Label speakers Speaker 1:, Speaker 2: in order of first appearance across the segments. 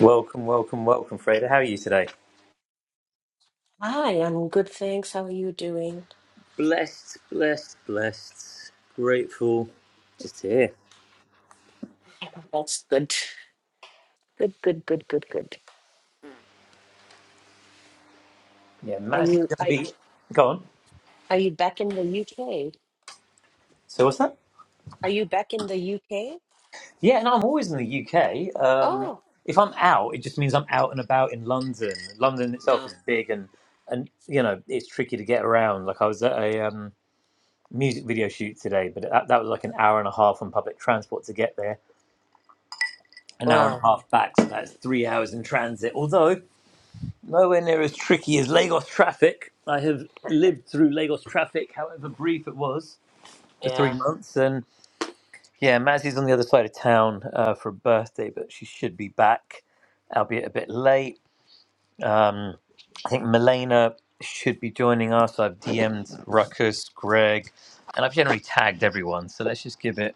Speaker 1: Welcome, welcome, welcome, Freda. How are you today?
Speaker 2: Hi, I'm good, thanks. How are you doing?
Speaker 1: Blessed, blessed, blessed. Grateful. Just here.
Speaker 2: That's good. Good, good, good, good, good.
Speaker 1: Yeah,
Speaker 2: Are
Speaker 1: Matt's going
Speaker 2: you
Speaker 1: to
Speaker 2: I
Speaker 1: be. Go on.
Speaker 2: are you back in the UK?
Speaker 1: So, what's that?
Speaker 2: Are you back in the UK?
Speaker 1: Yeah, and I'm always in the UK. Um,
Speaker 2: Oh,
Speaker 1: if I'm out, it just means I'm out and about in London. London itself
Speaker 2: no.
Speaker 1: is big and, and you know, it's tricky to get around. Like, I was at a um, music video shoot today, but that, that was like an hour and a half on public transport to get there, an hour and a
Speaker 2: Wow.
Speaker 1: half back. So, that's three hours in transit. Although, Nowhere near as tricky as Lagos traffic. I have lived through Lagos traffic, however brief it was, for three
Speaker 2: Yeah.
Speaker 1: months. And yeah, Mazzy's on the other side of town uh, for a birthday, but she should be back, albeit a bit late. Um, I think Milena should be joining us. I've DM'd Ruckus, Greg, and I've generally tagged everyone. So let's just give it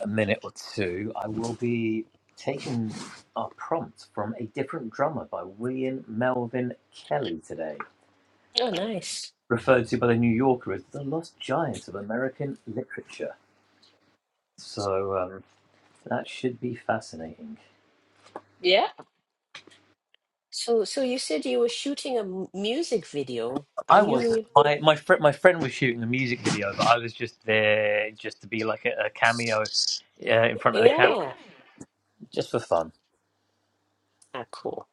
Speaker 1: a minute or two. I will be taking our prompt from a different drummer by William Melvin Kelly today.
Speaker 2: Oh, nice.
Speaker 1: referred to by the New Yorker as the lost giant of American literature. So um, that should be fascinating.
Speaker 2: Yeah. So so you said you were shooting a m- music video. Are
Speaker 1: I was
Speaker 2: you
Speaker 1: my my friend my friend was shooting the music video, but I was just there just to be like a, a cameo uh, in front of the camera,
Speaker 2: Yeah.
Speaker 1: just for fun.
Speaker 2: Ah, cool.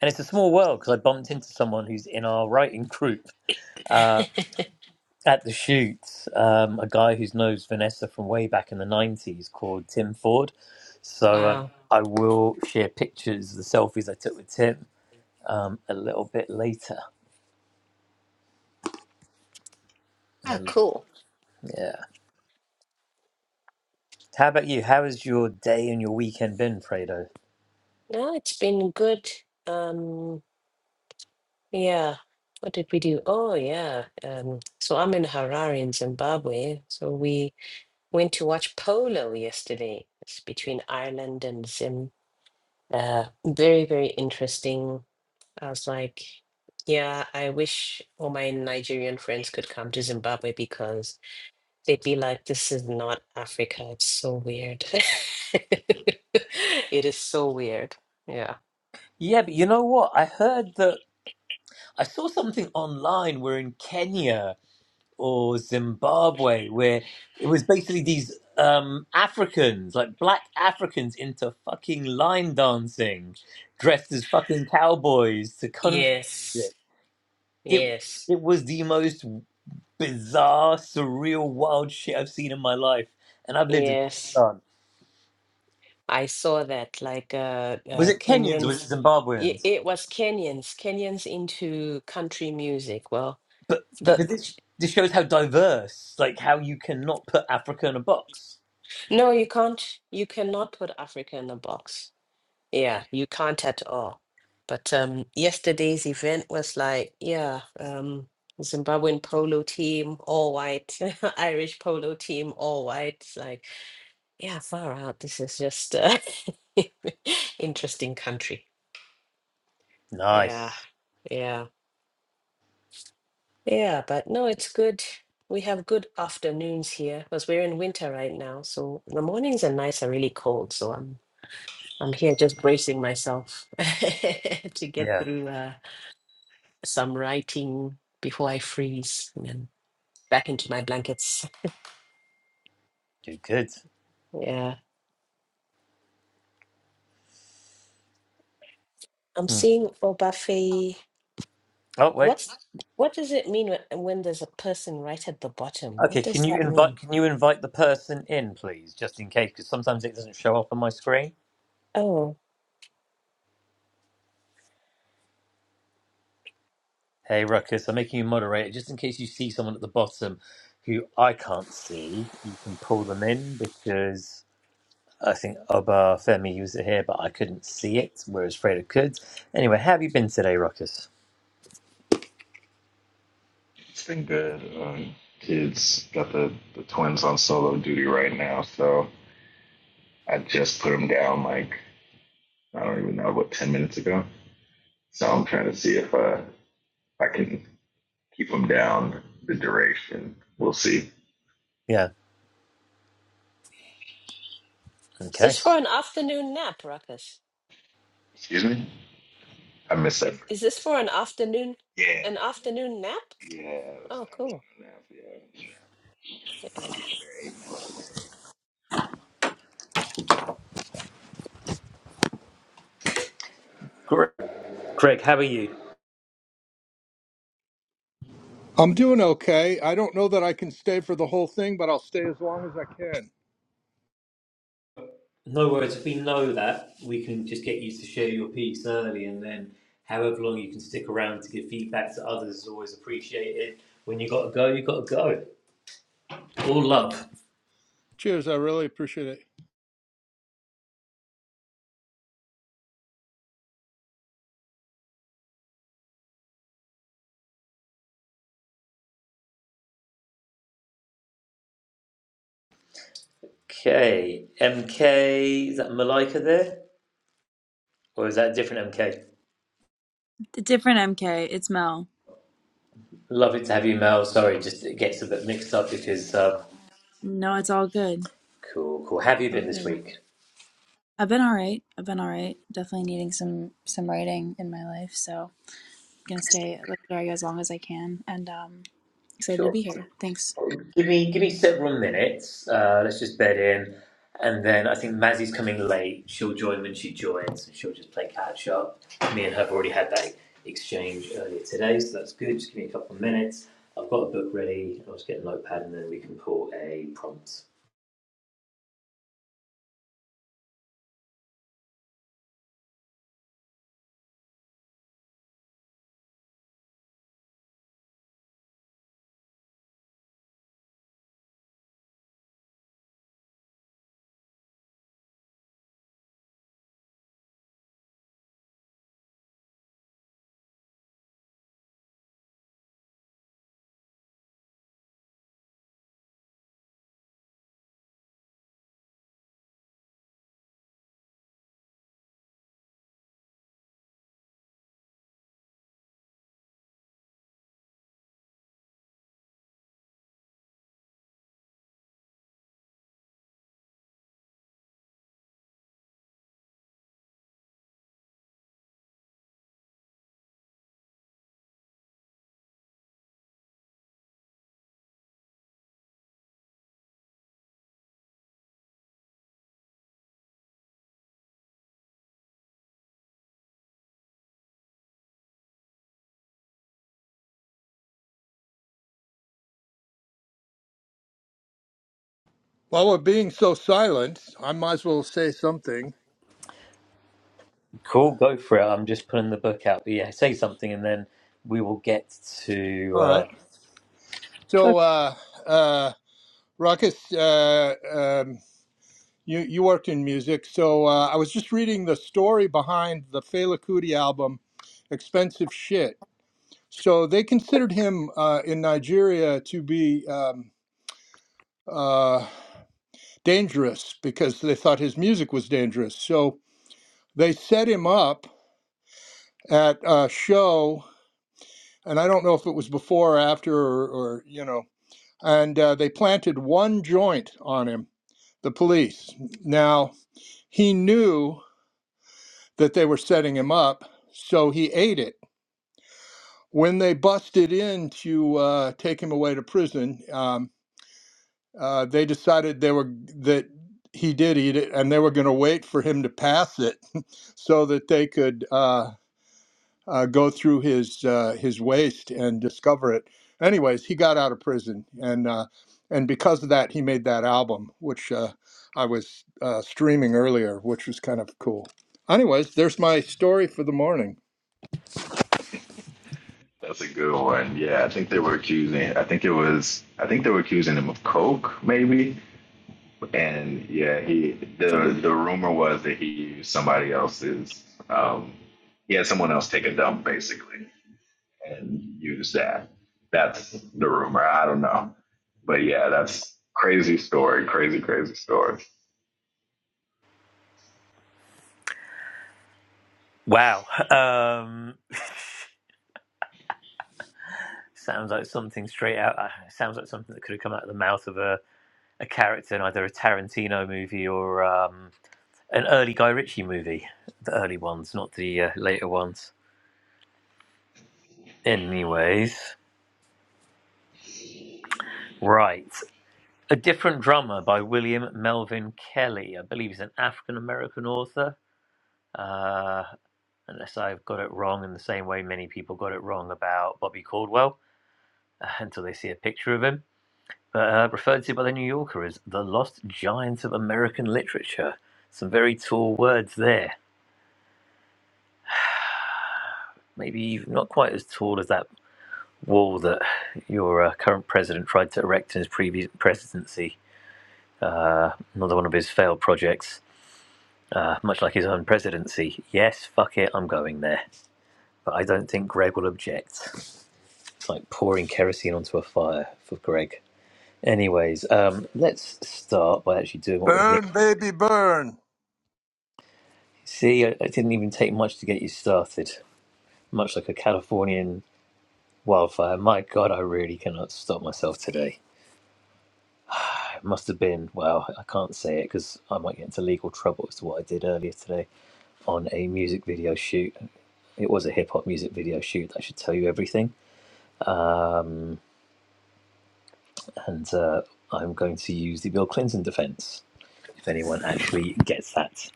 Speaker 1: And it's a small world because I bumped into someone who's in our writing group uh, at the shoot, um, a guy who knows Vanessa from way back in the '90s called Tim Ford. So um,
Speaker 2: Wow.
Speaker 1: I will share pictures, the selfies I took with Tim, um, a little bit later.
Speaker 2: Ah,
Speaker 1: Um,
Speaker 2: cool.
Speaker 1: yeah. How about you? How has your day and your weekend been, Fredo?
Speaker 2: No, it's been good. Um. Yeah. What did we do? Oh, yeah. Um, so I'm in Harare in Zimbabwe. So we went to watch polo yesterday. It's between Ireland and Zim. Uh, very, very interesting. I was like, yeah, I wish all my Nigerian friends could come to Zimbabwe because they'd be like, this is not Africa. It's so weird. It is so weird. Yeah.
Speaker 1: Yeah, but you know what? I heard that I saw something online where in Kenya or Zimbabwe where it was basically these um, Africans, like black Africans, into fucking line dancing, dressed as fucking cowboys to country
Speaker 2: Yes.
Speaker 1: music. It
Speaker 2: Yes.
Speaker 1: it was the most bizarre, surreal, wild shit I've seen in my life, and I've lived in
Speaker 2: Yes.
Speaker 1: Pakistan.
Speaker 2: I saw that like uh,
Speaker 1: Was
Speaker 2: uh
Speaker 1: it Kenyans? Was
Speaker 2: Kenyans
Speaker 1: it
Speaker 2: it,
Speaker 1: Zimbabweans?
Speaker 2: it was Kenyans Kenyans into country music well
Speaker 1: But, but
Speaker 2: the
Speaker 1: this this shows how diverse, like how you cannot put Africa in a box.
Speaker 2: no you can't you cannot put Africa in a box yeah you can't at all but um yesterday's event was like yeah um Zimbabwean polo team all white Irish polo team all white it's like yeah far out this is just uh interesting country yeah
Speaker 1: Nice.
Speaker 2: yeah Yeah, but no, it's good. We have good afternoons here because we're in winter right now. So the mornings and nights are really cold. So I'm I'm here just bracing myself to get
Speaker 1: Yeah.
Speaker 2: through uh, some writing before I freeze and then back into my blankets.
Speaker 1: Do good.
Speaker 2: Yeah, I'm
Speaker 1: Hmm.
Speaker 2: seeing Obafe.
Speaker 1: Oh wait.
Speaker 2: What's what does it mean when, when there's a person right at the bottom? What
Speaker 1: Okay.
Speaker 2: does
Speaker 1: Can you
Speaker 2: that
Speaker 1: invite?
Speaker 2: mean?
Speaker 1: Can you invite the person in, please, just in case? Because sometimes it doesn't show up on my screen.
Speaker 2: Oh,
Speaker 1: Hey, Ruckus. I'm making you moderator just in case you see someone at the bottom who I can't see. You can pull them in because I think Oba Femi was here, but I couldn't see it, whereas Freda could. Anyway, how have you been today, Ruckus?
Speaker 3: It's been good. Um, kids got the, the twins on solo duty right now, so I just put them down like I don't even know what ten minutes ago. So I'm trying to see if uh, I can keep them down the duration. We'll see.
Speaker 1: Yeah.
Speaker 2: is
Speaker 1: Okay.
Speaker 2: this for an afternoon nap, Ruckus?
Speaker 3: Excuse me? I missed that.
Speaker 2: Is this for an afternoon
Speaker 3: Yeah,
Speaker 2: an afternoon nap?
Speaker 3: yeah, that's an
Speaker 2: Oh, cool.
Speaker 3: afternoon nap. Yeah,
Speaker 2: Yeah.
Speaker 3: they're eight months. So.
Speaker 1: Great. Craig, how are you?
Speaker 4: I'm doing okay. I don't know that I can stay for the whole thing, but I'll stay as long as I can.
Speaker 1: No worries. If we know that, we can just get you to share your piece early, and then however long you can stick around to give feedback to others is always appreciated. When you got to go, you got to go. All love.
Speaker 4: Cheers. I really appreciate it.
Speaker 1: Okay, MK, is that Malika there, or is that a different MK?
Speaker 5: The different MK. It's Mel.
Speaker 1: Lovely to have you, Mel. Sorry, just it gets a bit mixed up because um,
Speaker 5: No, it's all good.
Speaker 1: cool, cool. How Have
Speaker 5: It's
Speaker 1: you
Speaker 5: all
Speaker 1: been this
Speaker 5: good.
Speaker 1: week?
Speaker 5: I've been all right. I've been all right. Definitely needing some some writing in my life, so I'm gonna stay at Literary as long as I can. And um, excited to
Speaker 1: Sure.
Speaker 5: be here. Thanks.
Speaker 1: Give me give me several minutes. Uh, let's just bed in, and then I think Mazzy's coming late. She'll join when she joins, and she'll just play catch up. Me and her have already had that exchange earlier today, so that's good. Just give me a couple of minutes. I've got a book ready. I'll just get a notepad, and then we can pull a prompt.
Speaker 4: While we're being so silent, I might as well say something.
Speaker 1: Cool, go for it. I'm just pulling the book out. But yeah, say something, and then we will get to.
Speaker 4: All right.
Speaker 1: Uh...
Speaker 4: So, uh, uh, Ruckus, uh, um, you, you worked in music. So uh, I was just reading the story behind the Fela Kuti album, Expensive Shit. So they considered him uh, in Nigeria to be um, uh, dangerous because they thought his music was dangerous. So They set him up at a show, and I don't know if it was before or after or, or you know, and uh, they planted one joint on him, the police. Now, he knew that they were setting him up, so he ate it. When they busted in to uh, take him away to prison, um, uh, they decided they were that he did eat it, and they were going to wait for him to pass it so that they could. uh, uh, go through his uh, his waist and discover it. Anyways, he got out of prison, and uh, and because of that, he made that album, which uh, I was uh, streaming earlier, which was kind of cool. Anyways, there's my story for the morning.
Speaker 3: That's a good one. Yeah, I think they were accusing. I think it was. I think they were accusing him of coke, maybe. and yeah, he the the rumor was that he used somebody else's. Um, he had someone else take a dump basically and use that. That's the rumor. I don't know, but yeah, that's crazy story. Crazy, crazy story.
Speaker 1: Wow, um, sounds like something straight out. Uh, sounds like something that could have come out of the mouth of a a character in either a Tarantino movie or um, an early Guy Ritchie movie. The early ones, not the uh, later ones. Anyways, right. A Different Drummer by William Melvin Kelly. I believe he's an African American author. Uh, unless I've got it wrong, in the same way many people got it wrong about Bobby Caldwell uh, until they see a picture of him. But uh, referred to by the New Yorker as the lost giant of American literature. Some very tall words there. maybe not quite as tall as that wall that your uh, current president tried to erect in his previous presidency, another one of his failed projects, uh, much like his own presidency. Yes, fuck it, I'm going there. But I don't think Greg will object. It's like pouring kerosene onto a fire for Greg. Anyways, um, let's start by actually doing what we're here.
Speaker 4: Burn, baby, burn.
Speaker 1: See, I, it didn't even take much to get you started. Much like a Californian wildfire. My God, I really cannot stop myself today. It must have been, well, I can't say it because I might get into legal trouble as to what I did earlier today on a music video shoot. It was a hip hop music video shoot. I should tell you everything. And uh, I'm going to use the Bill Clinton defense if anyone actually gets that.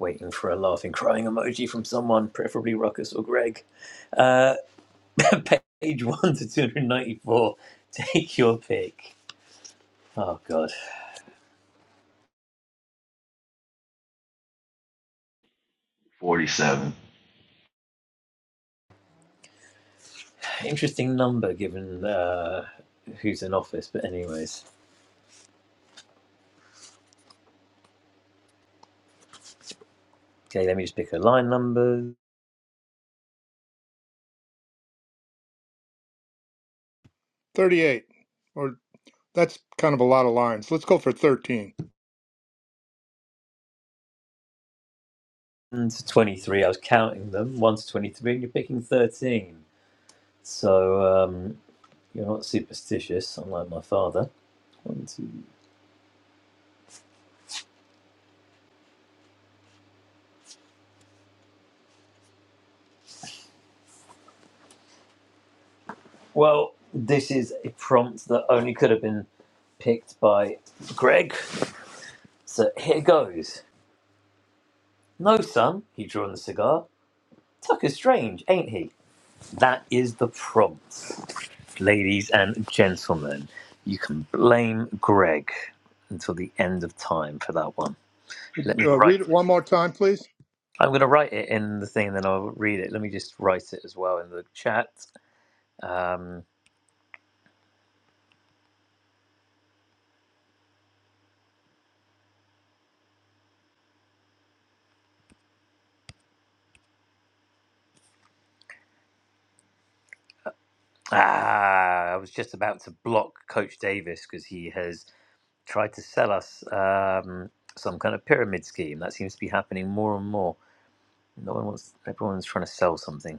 Speaker 1: Waiting for a laughing, crying emoji from someone, preferably Ruckus or Greg. Uh, page 1 to 294. Take your pick. Oh, God.
Speaker 3: Forty-seven.
Speaker 1: Interesting number given uh, who's in office, but, anyways. Okay, let me just pick a line number.
Speaker 4: Thirty-eight, or that's kind of a lot of lines. Let's go for thirteen.
Speaker 1: One to 23, I was counting them. 1 to 23, and you're picking 13. So um, you're not superstitious, unlike my father. One, two. Well, this is a prompt that only could have been picked by Greg. So here goes. No, son, he drew on the cigar. Tucker's strange, ain't he? That is the prompt. Ladies and gentlemen, you can blame Greg until the end of time for that one. Let me
Speaker 4: Uh,
Speaker 1: write
Speaker 4: read it
Speaker 1: it.
Speaker 4: one more time, please.
Speaker 1: I'm going to write it in the thing and then I'll read it. Let me just write it as well in the chat. Um, ah, I was just about to block Coach Davis because he has tried to sell us um, some kind of pyramid scheme. That seems to be happening more and more. No one wants, everyone's trying to sell something.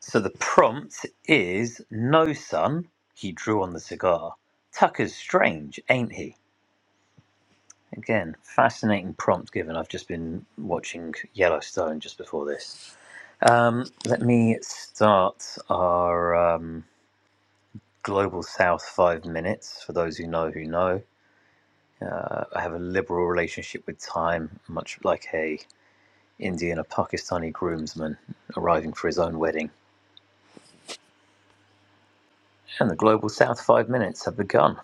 Speaker 1: So the prompt is No Sun, he drew on the cigar. Tucker's strange, ain't he? Again, fascinating prompt given. I've just been watching Yellowstone just before this. Um, let me start our um, Global South five minutes. For those who know, who know, I have a liberal relationship with time, much like a Indian or Pakistani groomsman arriving for his own wedding. And the Global South five minutes have begun.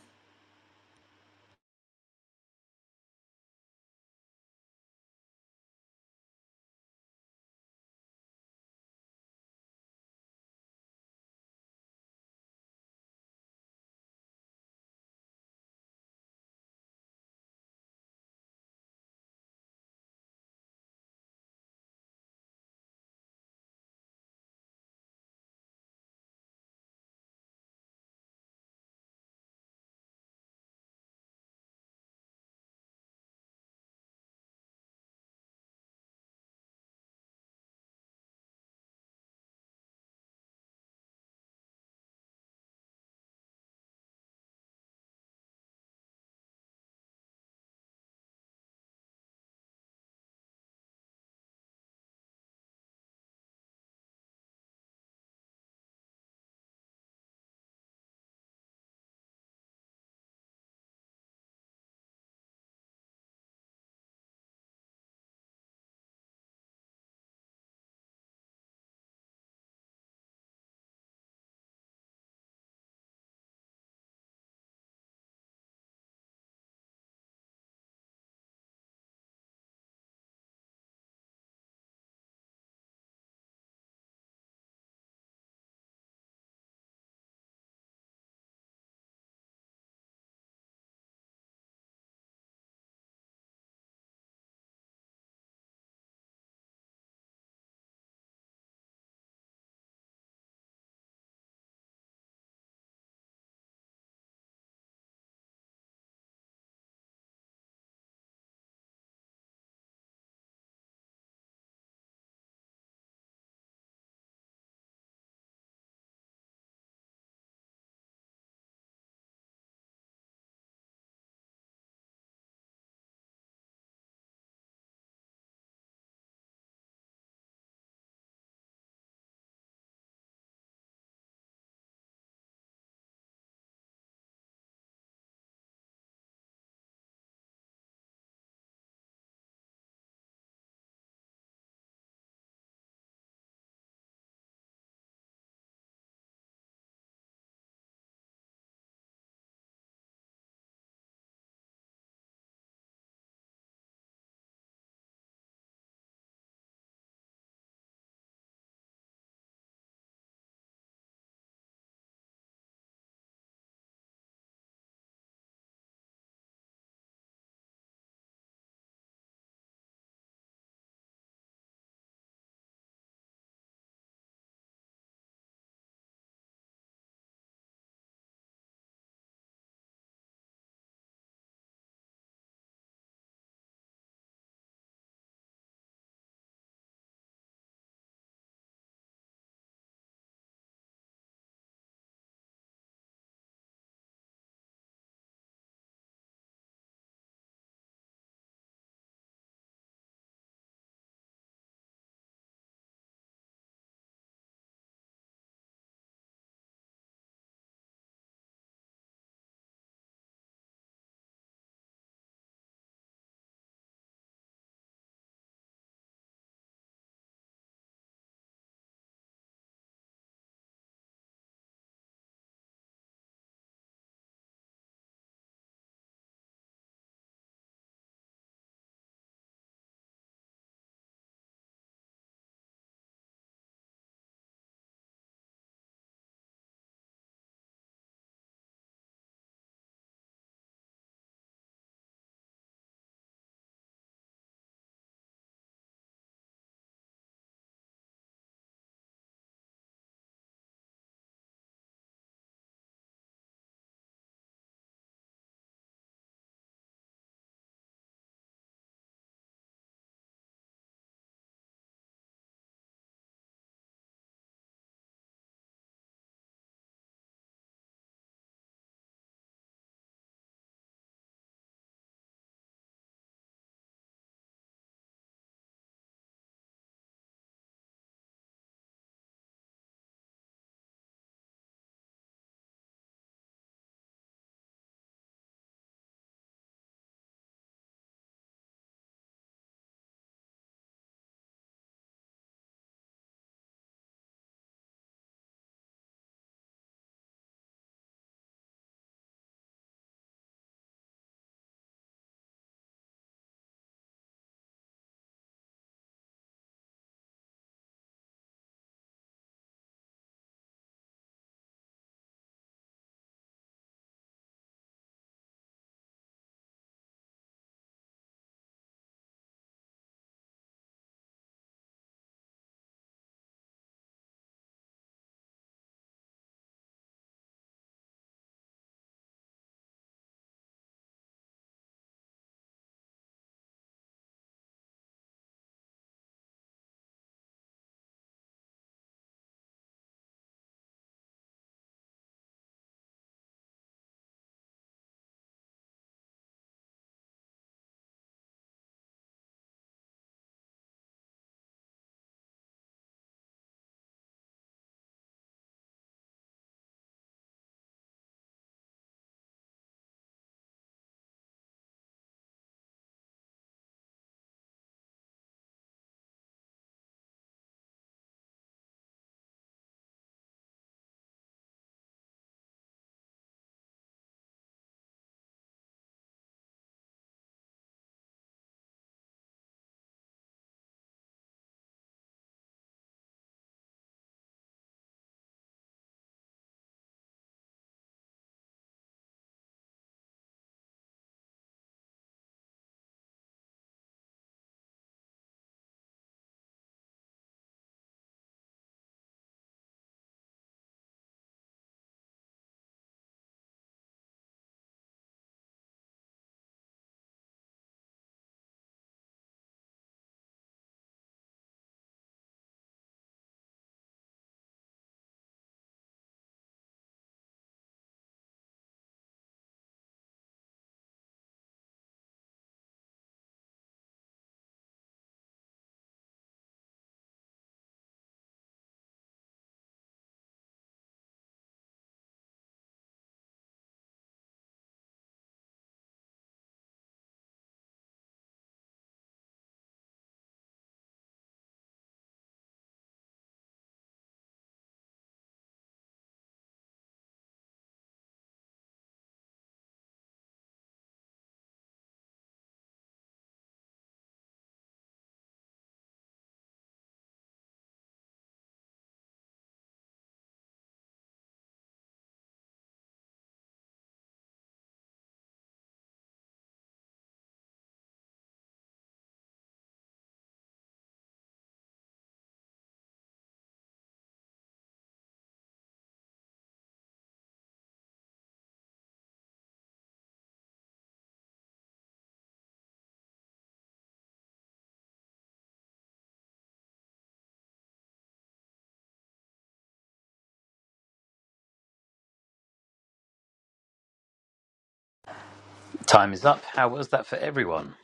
Speaker 1: Time is up. How was that for everyone?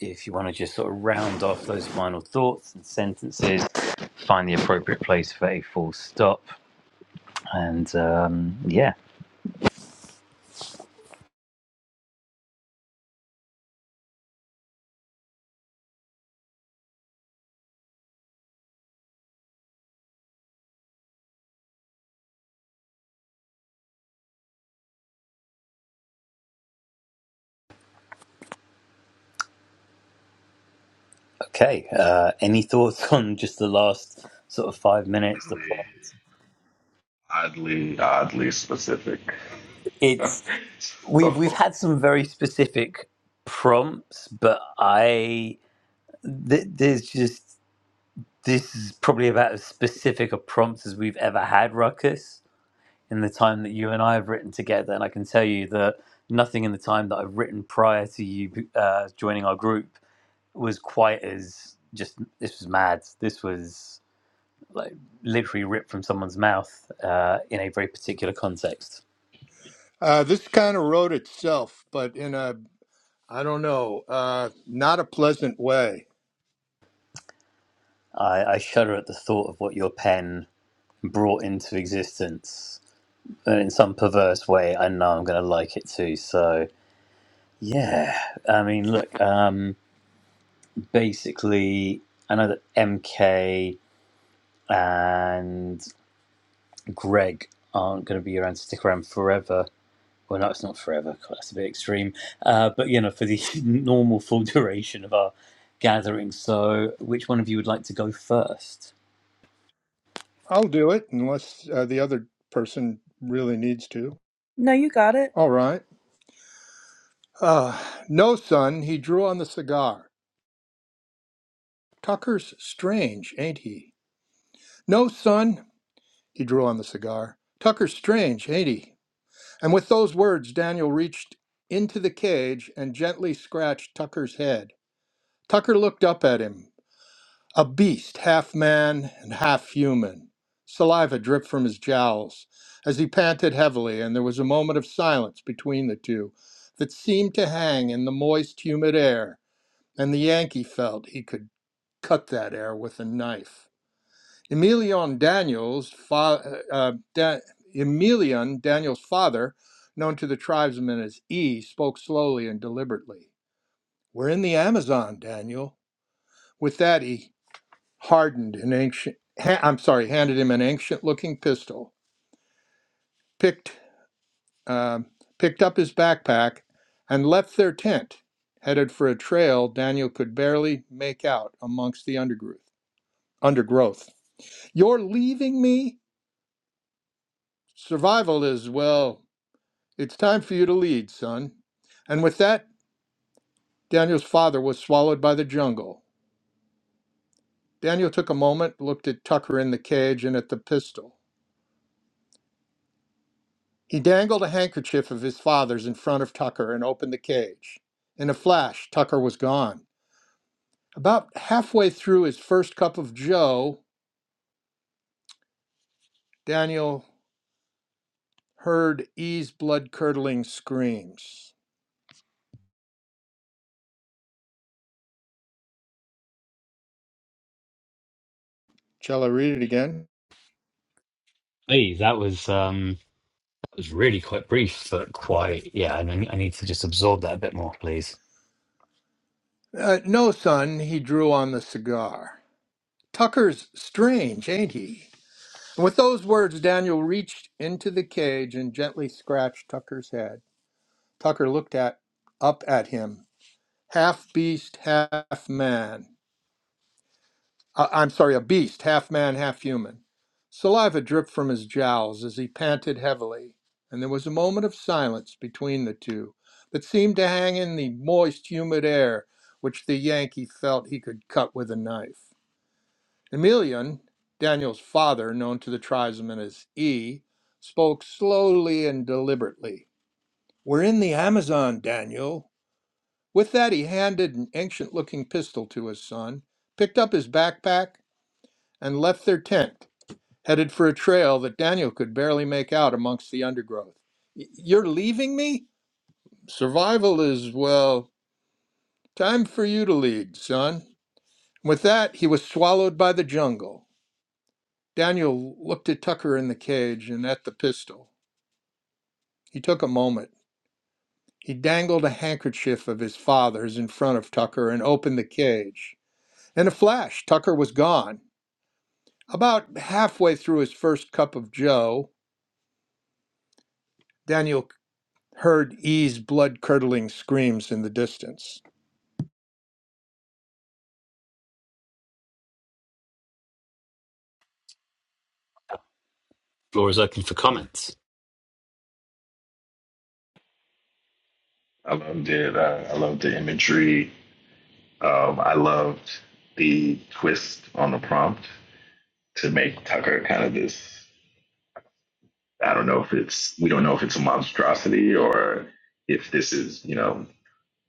Speaker 1: If you want to just sort of round off those final thoughts and sentences, find the appropriate place for a full stop. And um, yeah. Okay. Uh, any thoughts on just the last sort of five minutes? The
Speaker 3: Oddly,
Speaker 1: prompts.
Speaker 3: oddly, specific.
Speaker 1: It's we've we've
Speaker 3: so
Speaker 1: had some very specific prompts, but I th- there's just this is probably about as specific a prompt as we've ever had, Ruckus, in the time that you and I have written together. And I can tell you that nothing in the time that I've written prior to you uh, joining our group was quite as just. This was mad. This was. like literally ripped from someone's mouth uh, in a very particular context.
Speaker 4: Uh, this kind of wrote itself, but in a I don't know, uh, not a pleasant way.
Speaker 1: I, I shudder at the thought of what your pen brought into existence. And in some perverse way, I know I'm going to like it too. So, yeah. I mean, look, um, basically, I know that MK and Greg aren't going to be around to stick around forever well, no, it's not forever. God, That's a bit extreme. Uh, but you know, for the normal full duration of our gathering. So, which one of you would like to go first?
Speaker 4: I'll do it unless uh, the other person really needs to.
Speaker 5: No, you got it.
Speaker 4: All right. Uh, no, son, he drew on the cigar. Tucker's strange, ain't he? No, son, he drew on the cigar. Tucker's strange, ain't he? And with those words, Daniel reached into the cage and gently scratched Tucker's head. Tucker looked up at him. A beast, half man and half human. Saliva dripped from his jowls as he panted heavily, and there was a moment of silence between the two that seemed to hang in the moist, humid air, and the Yankee felt he could cut that air with a knife. Emelian Daniels, fa- uh, uh, da- Emilion Daniels' father, known to the tribesmen as E, spoke slowly and deliberately. We're in the Amazon, Daniel. With that, he hardened an ancient ha- i'm sorry handed him an ancient looking pistol picked um, picked up his backpack and left their tent headed for a trail daniel could barely make out amongst the undergrowth undergrowth you're leaving me survival is well it's time for you to lead son and with that daniel's father was swallowed by the jungle daniel took a moment looked at tucker in the cage and at the pistol He dangled a handkerchief of his father's in front of Tucker and opened the cage. In a flash, Tucker was gone. About halfway through his first cup of Joe, Daniel heard E's blood curdling screams. Shall I read it again?
Speaker 1: Hey, that was um that was really quite brief, but quite yeah. I, n- I need to just absorb that a bit more, please.
Speaker 4: Uh, no, son, he drew on the cigar. Tucker's strange, ain't he? And with those words, Daniel reached into the cage and gently scratched Tucker's head. Tucker looked at up at him, half beast, half man. uh, I'm sorry, a beast, half man, half human. Saliva dripped from his jowls as he panted heavily, and there was a moment of silence between the two that seemed to hang in the moist, humid air which the Yankee felt he could cut with a knife. Emelian, Daniel's father, known to the tribesmen as E, spoke slowly and deliberately. We're in the Amazon, Daniel. With that, he handed an ancient looking pistol to his son, picked up his backpack, and left their tent headed for a trail that Daniel could barely make out amongst the undergrowth. You're leaving me? Survival is, well, time for you to lead, son. With that, he was swallowed by the jungle. Daniel looked at Tucker in the cage and at the pistol. He took a moment. He dangled a handkerchief of his father's in front of Tucker and opened the cage. In a flash, Tucker was gone. About halfway through his first cup of joe, Daniel heard E's blood curdling screams in the distance.
Speaker 1: Floor is open for comments.
Speaker 3: I loved it. I, I loved the imagery. Um, I loved the twist on the prompt to make Tucker kind of this I don't know if it's we don't know if it's a monstrosity or if this is you know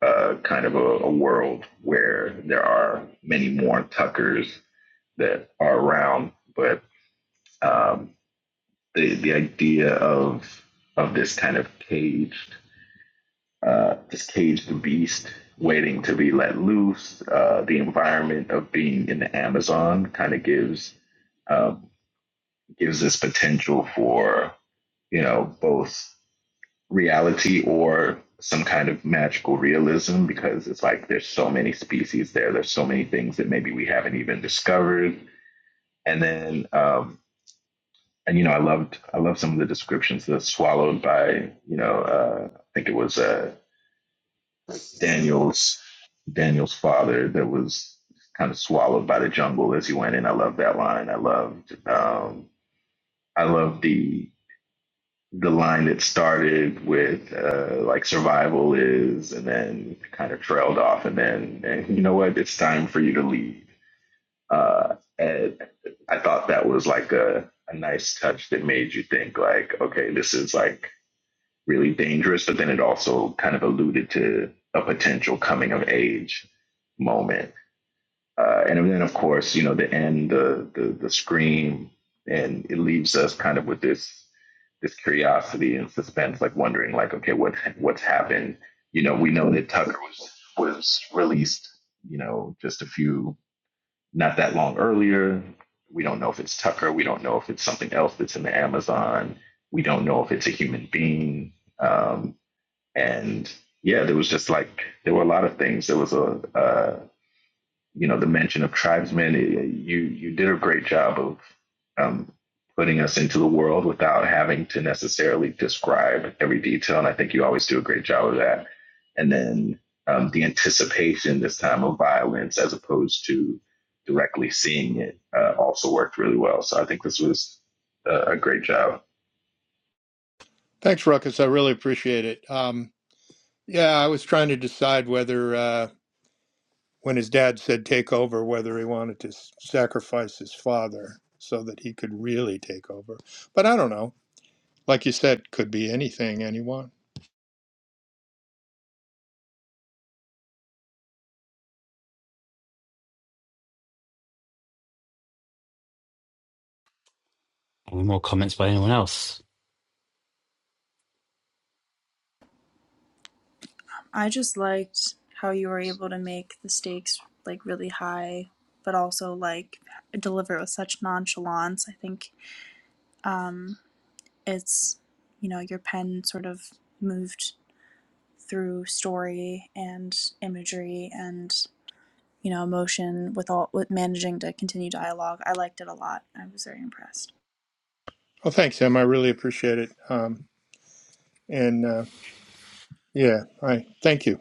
Speaker 3: uh, kind of a, a world where there are many more Tuckers that are around, but um, the the idea of of this kind of caged uh, this caged beast waiting to be let loose, uh, the environment of being in the Amazon kind of gives um, gives this potential for you know both reality or some kind of magical realism because it's like there's so many species there there's so many things that maybe we haven't even discovered and then um and you know i loved i love some of the descriptions that's swallowed by you know uh i think it was uh daniel's daniel's father that was kind of swallowed by the jungle as he went in i love that line i loved um i love the the line that started with uh, like survival is, and then kind of trailed off, and then and you know what, it's time for you to leave. Uh, and I thought that was like a, a nice touch that made you think like, okay, this is like really dangerous, but then it also kind of alluded to a potential coming of age moment uh, and then, of course, you know, the end, the, the the scream, and it leaves us kind of with this this curiosity and suspense, like wondering, like, okay, what what's happened? You know, we know that Tucker was was released, you know, just a few not that long earlier. We don't know if it's Tucker. We don't know if it's something else that's in the Amazon. We don't know if it's a human being. Um, and yeah, there was just like there were a lot of things. There was a, uh, you know the mention of tribesmen. it- you you did a great job of um, putting us into the world without having to necessarily describe every detail, and I think you always do a great job of that. And then um, the anticipation this time of violence, as opposed to directly seeing it, uh, also worked really well. So I think this was a, a great job.
Speaker 4: Thanks, Ruckus. I really appreciate it. Um, yeah, I was trying to decide whether, uh, when his dad said take over, whether he wanted to s- sacrifice his father so that he could really take over. But I don't know. Like you said, could be anything, anyone.
Speaker 1: Any more comments by anyone else?
Speaker 5: I just liked how you were able to make the stakes like really high, but also like deliver it with such nonchalance. I think um, it's you know your pen sort of moved through story and imagery and you know, emotion with all with managing to continue dialogue. I liked it a lot. I was very impressed
Speaker 4: Well, thanks, Em. I really appreciate it. Um, and uh, yeah, I thank you.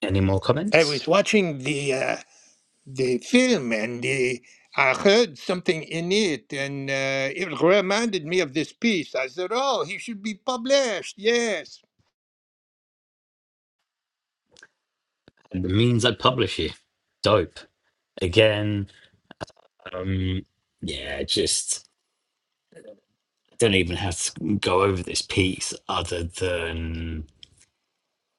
Speaker 1: Any more
Speaker 4: I
Speaker 1: comments?
Speaker 4: was watching the uh, the film and the, I heard something in it and uh, it reminded me of this piece. I said, "Oh, he should be published." Yes,
Speaker 1: And it means I publish you. Dope. Again, um, yeah, just I don't even have to go over this piece other than.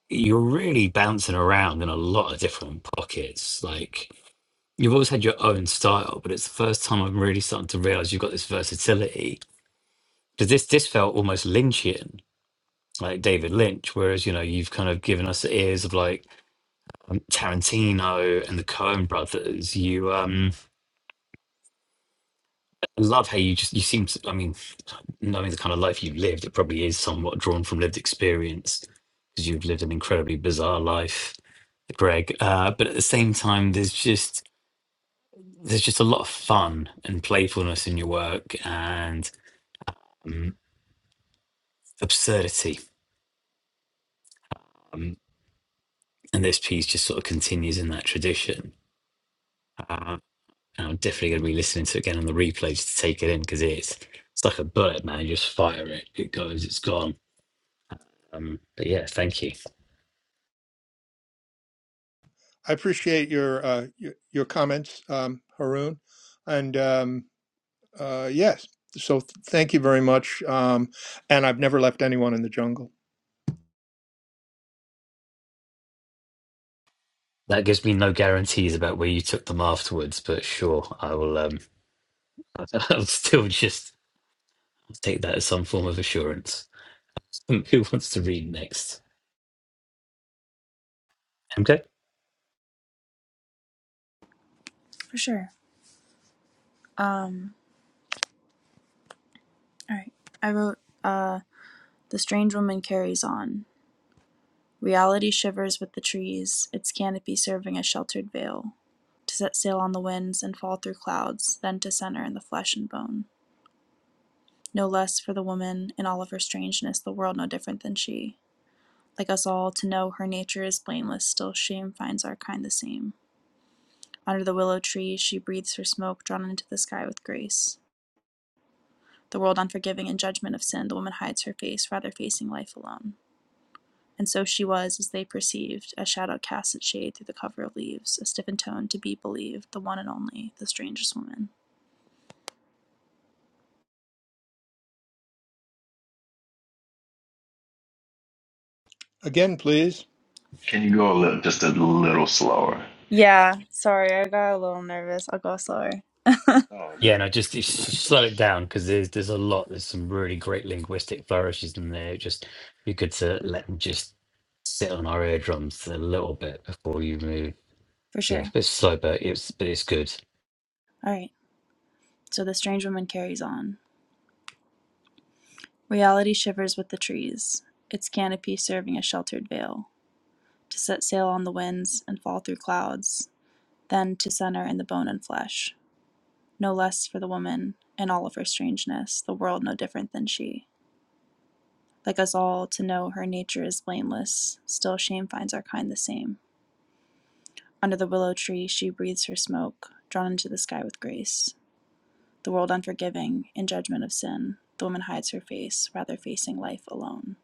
Speaker 1: you're really bouncing around in a lot of different pockets. Like you've always had your own style, but it's the first time I'm really starting to realize you've got this versatility. Because this this felt almost Lynchian, like David Lynch, whereas you know you've kind of given us ears of like Tarantino and the Coen Brothers. You um, I love how you just you seem to. I mean, knowing the kind of life you've lived, it probably is somewhat drawn from lived experience because you've lived an incredibly bizarre life, Greg. Uh, but at the same time, there's just there's just a lot of fun and playfulness in your work and absurdity. Um, and this piece just sort of continues in that tradition. Uh, and I'm definitely going to be listening to it again on the replay just to take it in because it's it's like a bullet, man. You just fire it, it goes, it's gone. Um, but yeah, thank you.
Speaker 4: I appreciate your uh, your, your comments, um, Haroon, and um, uh, yes, so th- thank you very much. Um, and I've never left anyone in the jungle.
Speaker 1: That gives me no guarantees about where you took them afterwards, but sure, I will. Um, I'll still just take that as some form of assurance. Who wants to read next? MK?
Speaker 5: for sure. Um, all right, I wrote uh, the strange woman carries on. Reality shivers with the trees, its canopy serving as sheltered veil to set sail on the winds and fall through clouds, then to center in the flesh and bone. No less for the woman in all of her strangeness, the world no different than she. Like us all, to know her nature is blameless, still shame finds our kind the same Under the willow tree she breathes her smoke, drawn into the sky with grace. The world unforgiving in judgment of sin, the woman hides her face, rather facing life alone. And so she was, as they perceived, a shadow casts its shade through the cover of leaves, a stiffened tone to be believed, the one and only, the strangest woman.
Speaker 4: Again, please.
Speaker 3: Can you go a little, just a little slower?
Speaker 5: Yeah, sorry, I got a little nervous. I'll go slower.
Speaker 3: Oh,
Speaker 1: Yeah,
Speaker 3: great.
Speaker 1: no, just,
Speaker 3: It was
Speaker 1: just
Speaker 3: great.
Speaker 1: slow it down because there's there's a lot. There's some really great linguistic flourishes in there. It Just be good to let them just sit on our eardrums a little bit before you move.
Speaker 5: For
Speaker 1: So yeah,
Speaker 5: sure.
Speaker 1: it's a bit slow, but it's but it's good.
Speaker 5: All right. So the strange woman carries on. Reality shivers with the trees, its canopy serving a sheltered veil, to set sail on the winds and fall through clouds, Then to center in the bone and flesh, no less for the woman in all of her strangeness, the world no different than she. Like us all, to know her nature is blameless, still shame finds our kind the same. Under the willow tree, she breathes her smoke, drawn into the sky with grace. The world unforgiving, in judgment of sin, the woman hides her face, rather facing life alone.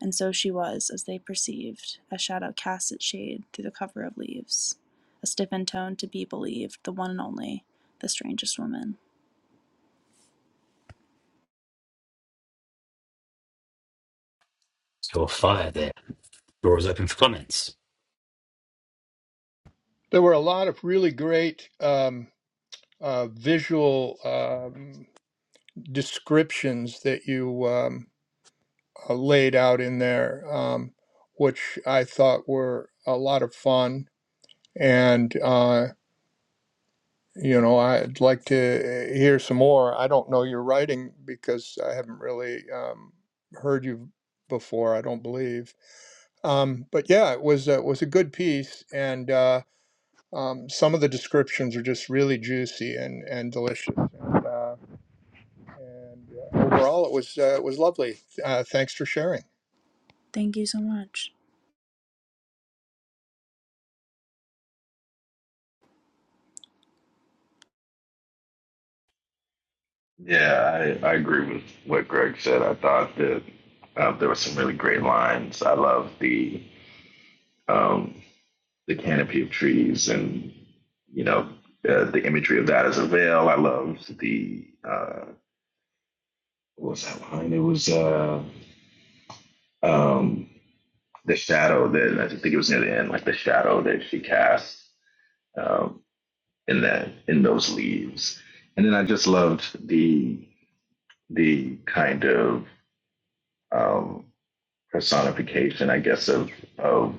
Speaker 5: And so she was, as they perceived, a shadow casts its shade through the cover of leaves, a stiffened tone to be believed, the one and only, the strangest woman.
Speaker 1: Your fire there. Door is open for comments.
Speaker 4: There were a lot of really great um, uh, visual. Um, descriptions that you um, uh, laid out in there, um, which I thought were a lot of fun. And, uh, you know, I'd like to uh, hear some more. I don't know your writing because I haven't really um, heard you before, I don't believe. Um, but yeah, it was, uh, it was a good piece. And uh, um, some of the descriptions are just really juicy and, and delicious. And, uh, and uh, overall, it was, uh, it was lovely. Uh, thanks for sharing.
Speaker 5: Thank you so much.
Speaker 3: Yeah, I, I agree with what Greg said. I thought that uh, there were some really great lines. I love the um, the canopy of trees and you know uh, the imagery of that as a veil. I loved the uh, what was that line? It was uh, um, the shadow that I think it was near the end, like the shadow that she cast um, in that in those leaves. And then I just loved the the kind of um, personification, I guess, of of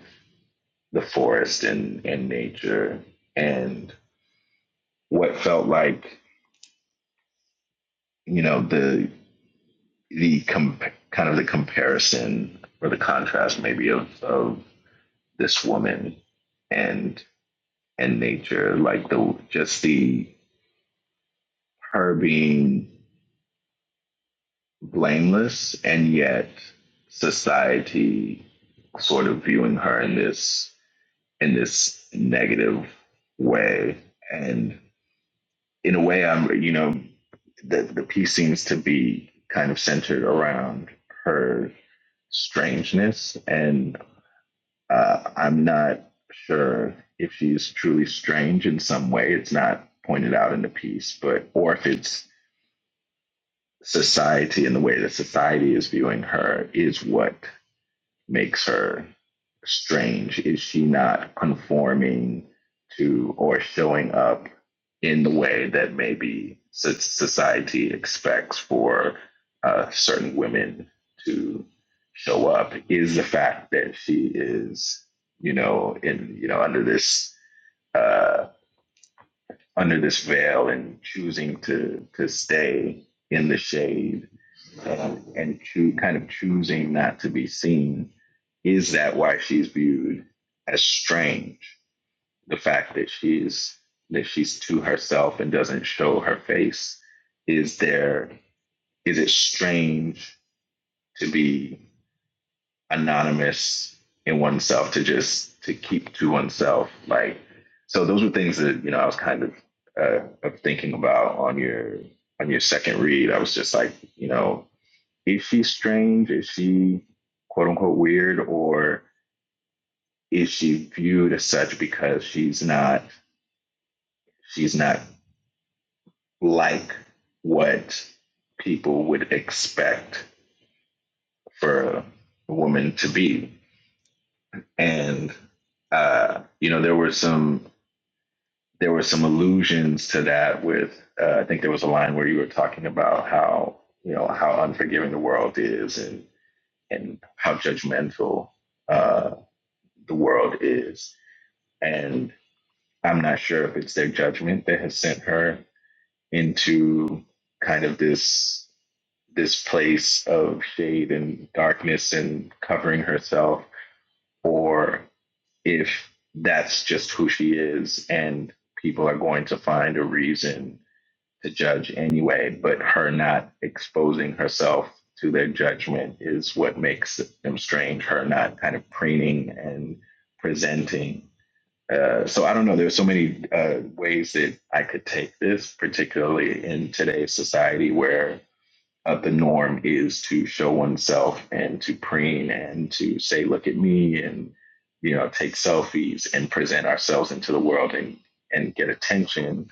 Speaker 3: the forest and and nature, and what felt like you know the the com- kind of the comparison or the contrast maybe of of this woman and and nature, like the just the her being blameless and yet society sort of viewing her in this in this negative way and in a way, I'm you know the the piece seems to be kind of centered around her strangeness, and uh, I'm not sure if she's truly strange in some way. It's not pointed out in the piece, but or if it's society and the way that society is viewing her is what makes her strange? Is she not conforming to or showing up in the way that maybe so- society expects for uh, certain women to show up? Is the fact that she is, you know, in you know under this uh, under this veil and choosing to to stay in the shade and and choo- kind of choosing not to be seen is that why she's viewed as strange the fact that she's that she's to herself and doesn't show her face is there is it strange to be anonymous in oneself to just to keep to oneself like so those were things that you know i was kind of uh, of thinking about on your on your second read i was just like you know is she strange? Is she quote unquote weird, or is she viewed as such because she's not she's not like what people would expect for a woman to be? And uh, you know, there were some there were some allusions to that with uh, I think there was a line where you were talking about how you know how unforgiving the world is and and how judgmental uh, the world is And I'm not sure if it's their judgment that has sent her into kind of this this place of shade and darkness and covering herself, or if that's just who she is and people are going to find a reason to judge anyway, but her not exposing herself to their judgment is what makes them strange, her not kind of preening and presenting uh, so I don't know. There's so many uh, ways that I could take this, particularly in today's society where uh, the norm is to show oneself and to preen and to say, "Look at me," and you know, take selfies and present ourselves into the world and and get attention.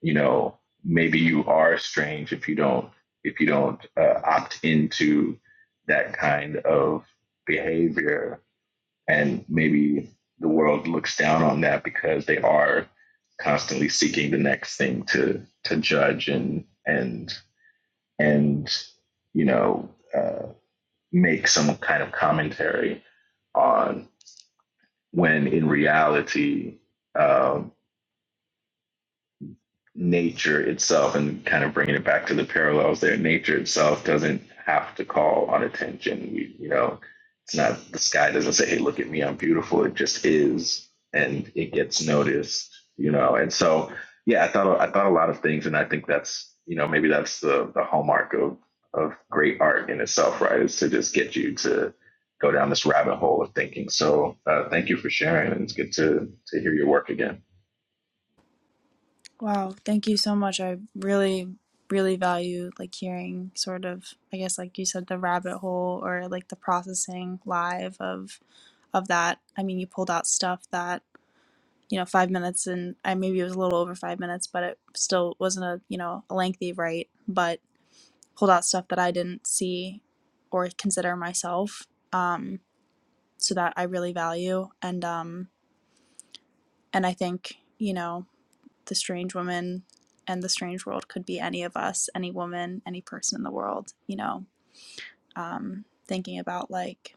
Speaker 3: You know, maybe you are strange if you don't if you don't uh, opt into that kind of behavior and maybe the world looks down on that because they are constantly seeking the next thing to to judge and and and you know uh, make some kind of commentary on when in reality uh, nature itself and kind of bringing it back to the parallels there nature itself doesn't have to call on attention we, you know it's not the sky doesn't say hey look at me i'm beautiful it just is and it gets noticed you know and so yeah i thought i thought a lot of things and i think that's you know maybe that's the the hallmark of of great art in itself right is to just get you to go down this rabbit hole of thinking so uh, thank you for sharing and it's good to to hear your work again
Speaker 5: Wow, thank you so much. I really, really value like hearing sort of, I guess, like you said, the rabbit hole or like the processing live of of that. I mean, you pulled out stuff that you know five minutes and I maybe it was a little over five minutes, but it still wasn't a you know a lengthy write, but pulled out stuff that I didn't see or consider myself. Um, so that I really value and um and I think you know. the strange woman and the strange world could be any of us, any woman, any person in the world, you know, um, thinking about like,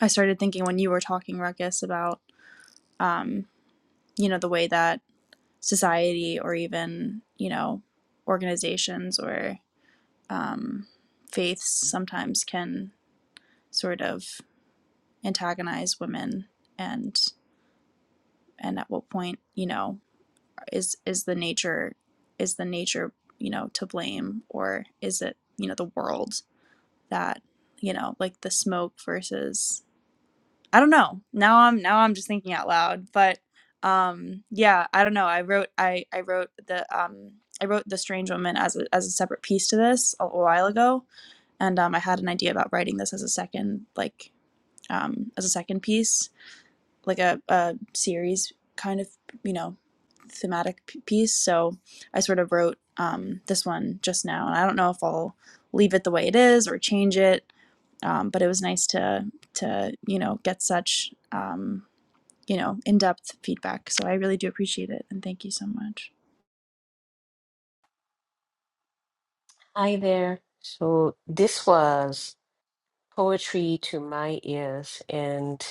Speaker 5: I started thinking when you were talking, Ruckus, about, um, you know, the way that society or even, you know, organizations or um, faiths sometimes can sort of antagonize women and and at what point you know is is the nature is the nature you know to blame or is it you know the world that you know like the smoke versus i don't know now i'm now i'm just thinking out loud but um yeah i don't know i wrote i i wrote the um i wrote the strange woman as a, as a separate piece to this a, a while ago and um i had an idea about writing this as a second like um as a second piece like a, a series kind of you know thematic p- piece so i sort of wrote um, this one just now and i don't know if i'll leave it the way it is or change it um, but it was nice to to you know get such um, you know in-depth feedback so i really do appreciate it and thank you so much
Speaker 2: Hi there. So this was poetry to my ears, and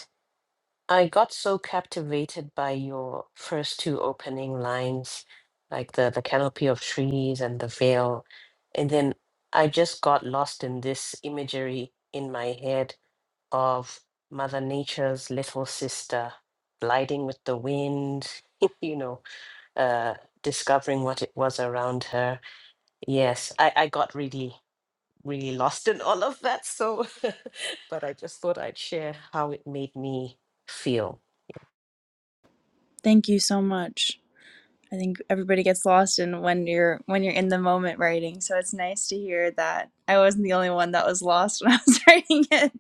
Speaker 2: I got so captivated by your first two opening lines, like the, the canopy of trees and the veil. And then I just got lost in this imagery in my head of Mother Nature's little sister gliding with the wind, you know. uh, discovering what it was around her. Yes, I, I got really, really lost in all of that. So, but I just thought I'd share how it made me feel.
Speaker 5: thank you so much i think everybody gets lost in when you're when you're in the moment writing so it's nice to hear that i wasn't the only one that was lost when i was writing it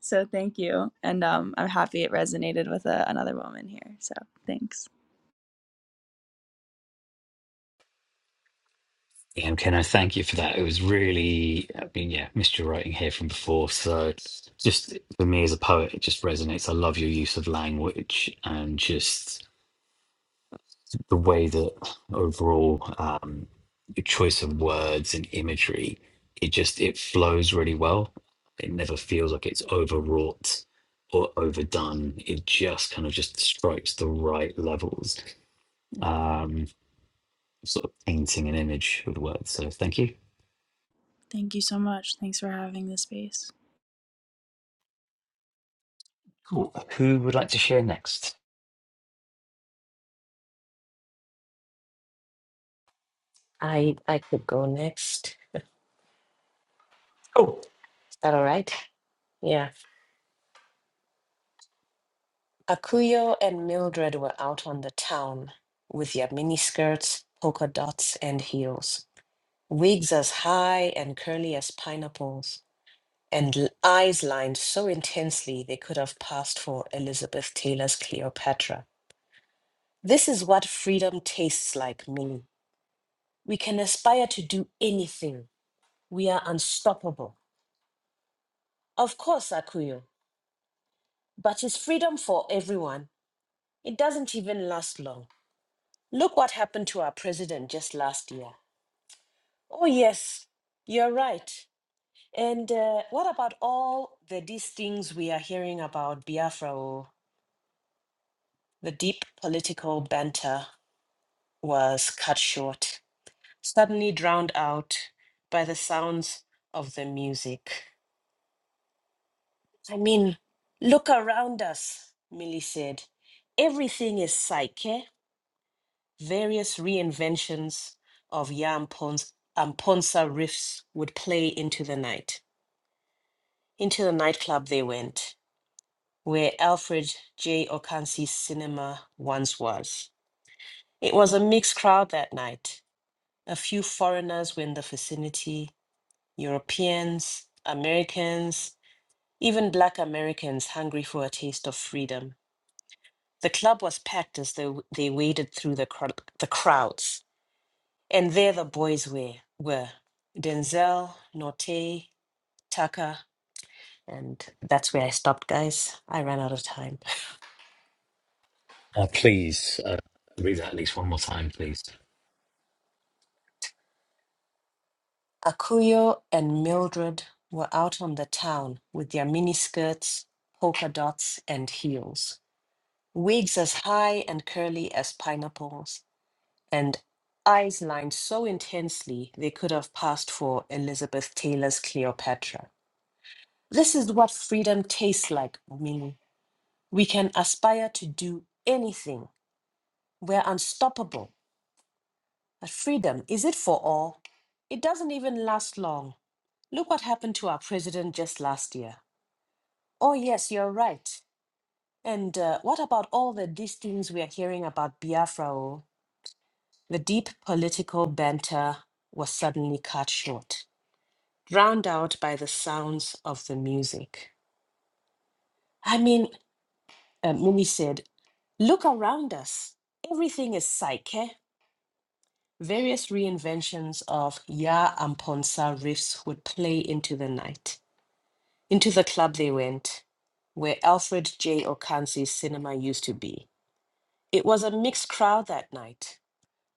Speaker 5: So thank you. And um, I'm happy it resonated with uh another woman here. So thanks.
Speaker 1: Yeah, and can I thank you for that? It was really, I mean, yeah, missed your writing here from before. So just for me as a poet, it just resonates. I love your use of language and just. the way that overall um, your choice of words and imagery it just it flows really well it never feels like it's overwrought or overdone it just kind of just strikes the right levels um sort of painting an image with words so thank you
Speaker 5: Thank you so much. Thanks for having this space.
Speaker 1: cool who would like to share next
Speaker 2: I I could go next. Is
Speaker 1: oh
Speaker 2: that all right? Yeah. Akuyo and Mildred were out on the town with their miniskirts, polka dots, and heels, wigs as high and curly as pineapples, and l- eyes lined so intensely they could have passed for Elizabeth Taylor's Cleopatra. This is what freedom tastes like, Millie. We can aspire to do anything. We are unstoppable. Of course, Akuyo, but is freedom for everyone. It doesn't even last long. Look what happened to our president just last year. Oh, yes, you're right. And uh, what about all the these things we are hearing about Biafra? oh, The deep political banter was cut short. suddenly drowned out by the sounds of the music. I mean, look around us, Millie said. Everything is psyche, various reinventions of Yam Pons- Amponsa riffs would play into the night. Into the nightclub they went, where Alfred J. Okansi's cinema once was. It was a mixed crowd that night. A few foreigners were in the vicinity, Europeans, Americans, Even Black Americans hungry for a taste of freedom. The club was packed as they, they waded through the, cr- the crowds. And there the boys were, were Denzel, Norte, Tucker, and that's where I stopped, guys. I ran out of time.
Speaker 1: uh, please uh, read that at least one more time please
Speaker 2: Akuyo and Mildred were out on the town with their miniskirts, polka dots, and heels. Wigs as high and curly as pineapples, and eyes lined so intensely they could have passed for Elizabeth Taylor's Cleopatra. This is what freedom tastes like, Mimi. We can aspire to do anything. We're unstoppable. But freedom, is it for all? It doesn't even last long. Look what happened to our president just last year. Oh, yes, you're right. And uh, what about all the these things we are hearing about Biafra? oh? The deep political banter was suddenly cut short. drowned out by the sounds of the music. I mean, uh, Mimi said, look around us. Everything is psyche. Various reinventions of Ya and Ponsa riffs would play into the night. Into the club they went, where Alfred J. Okansi's cinema used to be. It was a mixed crowd that night.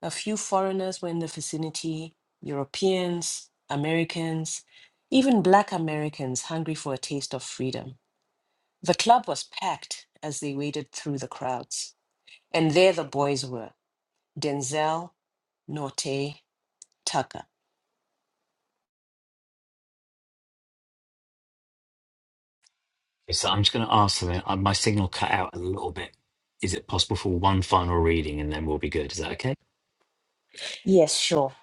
Speaker 2: A few foreigners were in the vicinity, Europeans, Americans, even Black Americans hungry for a taste of freedom. The club was packed as they waded through the crowds. And there the boys were Denzel, Norte, Tucker.
Speaker 1: Okay, So I'm just going to ask something. Uh, My signal cut out a little bit. Is it possible for one final reading and then we'll be good? Is that okay?
Speaker 2: Yes, sure,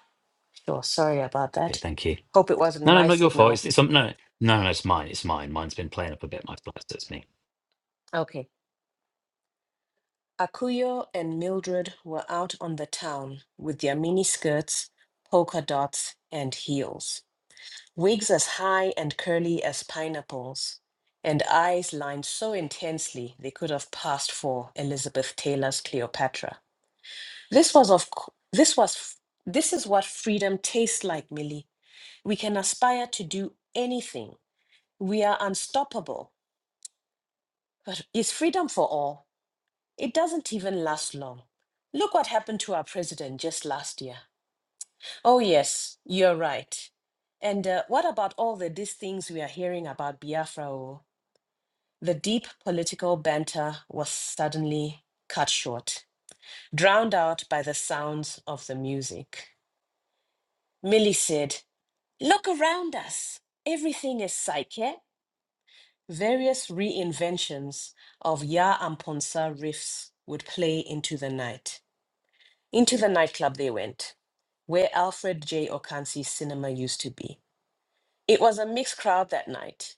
Speaker 2: sure. Sorry about
Speaker 1: Okay,
Speaker 2: that.
Speaker 1: thank you.
Speaker 2: Hope it wasn't
Speaker 1: No, no,
Speaker 2: my
Speaker 1: not your fault.
Speaker 2: signal.
Speaker 1: It's, it's um, no, no, no, it's mine. It's mine. Mine's been playing up a bit. My flash, that's me.
Speaker 2: Okay. Akuyo and Mildred were out on the town with their mini skirts, polka dots, and heels, wigs as high and curly as pineapples, and eyes lined so intensely they could have passed for Elizabeth Taylor's Cleopatra. This was of c- this was this is what freedom tastes like, Millie. We can aspire to do anything. We are unstoppable. But is freedom for all? It doesn't even last long. Look what happened to our president just last year. Oh yes, you're right. And uh, what about all the these things we are hearing about Biafra? oh? The deep political banter was suddenly cut short, drowned out by the sounds of the music. Millie said. Look around us. Everything is psyche. Various reinventions of Ya and Ponsa riffs would play into the night. Into the nightclub they went, where Alfred J. Okansi's cinema used to be. It was a mixed crowd that night.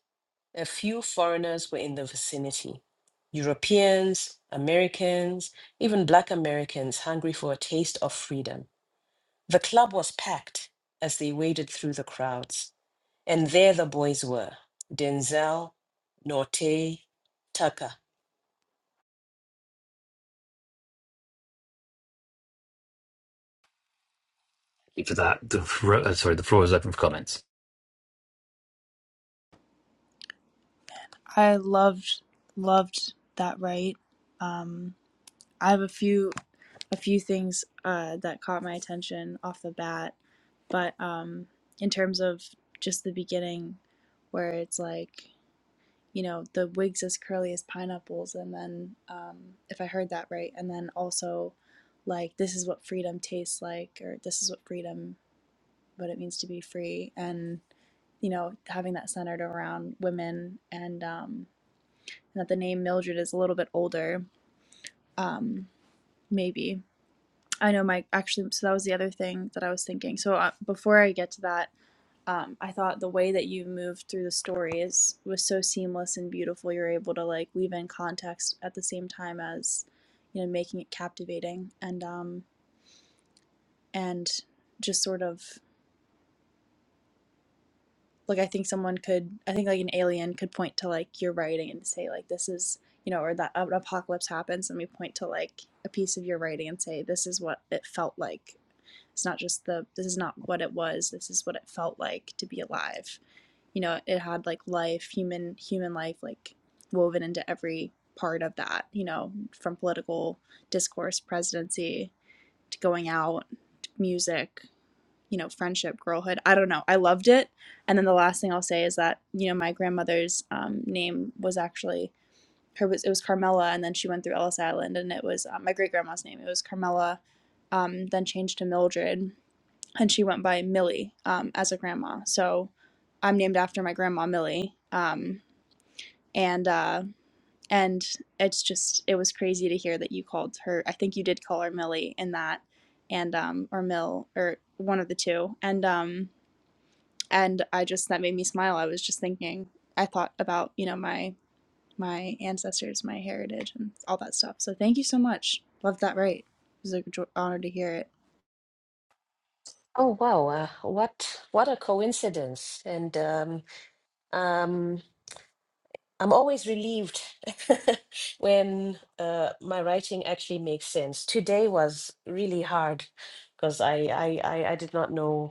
Speaker 2: A few foreigners were in the vicinity. Europeans, Americans, even Black Americans hungry for a taste of freedom. The club was packed as they waded through the crowds, and there the boys were Denzel, Norte, Tucker.
Speaker 1: Thank you for that. The, fro- uh, sorry, the floor is open for comments.
Speaker 5: I loved loved that right. Um, I have a few a few things uh, that caught my attention off the bat, but um, in terms of just the beginning, where it's like you know, the wigs as curly as pineapples, and then um, if I heard that right, and then also like this is what freedom tastes like, or this is what freedom, what it means to be free, and you know, having that centered around women, and um, and that the name Mildred is a little bit older, um, maybe. I know my actually, so that was the other thing that I was thinking. So uh, before I get to that, um, I thought the way that you moved through the story is was so seamless and beautiful. You're able to like weave in context at the same time as you know making it captivating and um and just sort of like I think someone could I think like an alien could point to like your writing and say like this is you know or that an apocalypse happens and we point to like a piece of your writing and say this is what it felt like. It's not just the this is not what it was. This is what it felt like to be alive you know it had like life human human life like woven into every part of that you know from political discourse presidency to going out to music you know friendship girlhood i don't know i loved it and then the last thing i'll say is that you know my grandmother's um, name was actually her was it was carmela and then she went through ellis island and it was uh, my great grandma's name it was carmela um, then changed to mildred and she went by Millie um, as a grandma. So I'm named after my grandma Millie, um, and uh, and it's just it was crazy to hear that you called her. I think you did call her Millie in that, and um, or Mill or one of the two, and um, and I just that made me smile. I was just thinking, I thought about you know my my ancestors, my heritage, and all that stuff. So thank you so much. Love that. Right, it was an honor to hear it.
Speaker 2: Oh, wow. Uh, what, what a coincidence. And um, um, I'm always relieved when uh, my writing actually makes sense. Today was really hard because I, I, I, I did not know.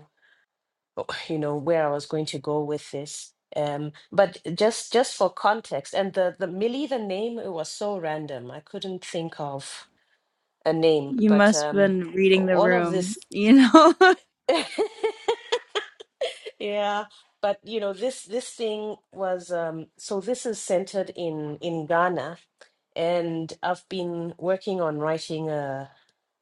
Speaker 2: you know where I was going to go with this. Um, but just just for context, and the the Millie the name it was so random. I couldn't think of a name,
Speaker 5: You
Speaker 2: but
Speaker 5: must have
Speaker 2: um,
Speaker 5: been reading the
Speaker 2: all of
Speaker 5: room,
Speaker 2: this.
Speaker 5: you know.
Speaker 2: Yeah, but you know this this thing was um so this is centered in in Ghana and I've been working on writing a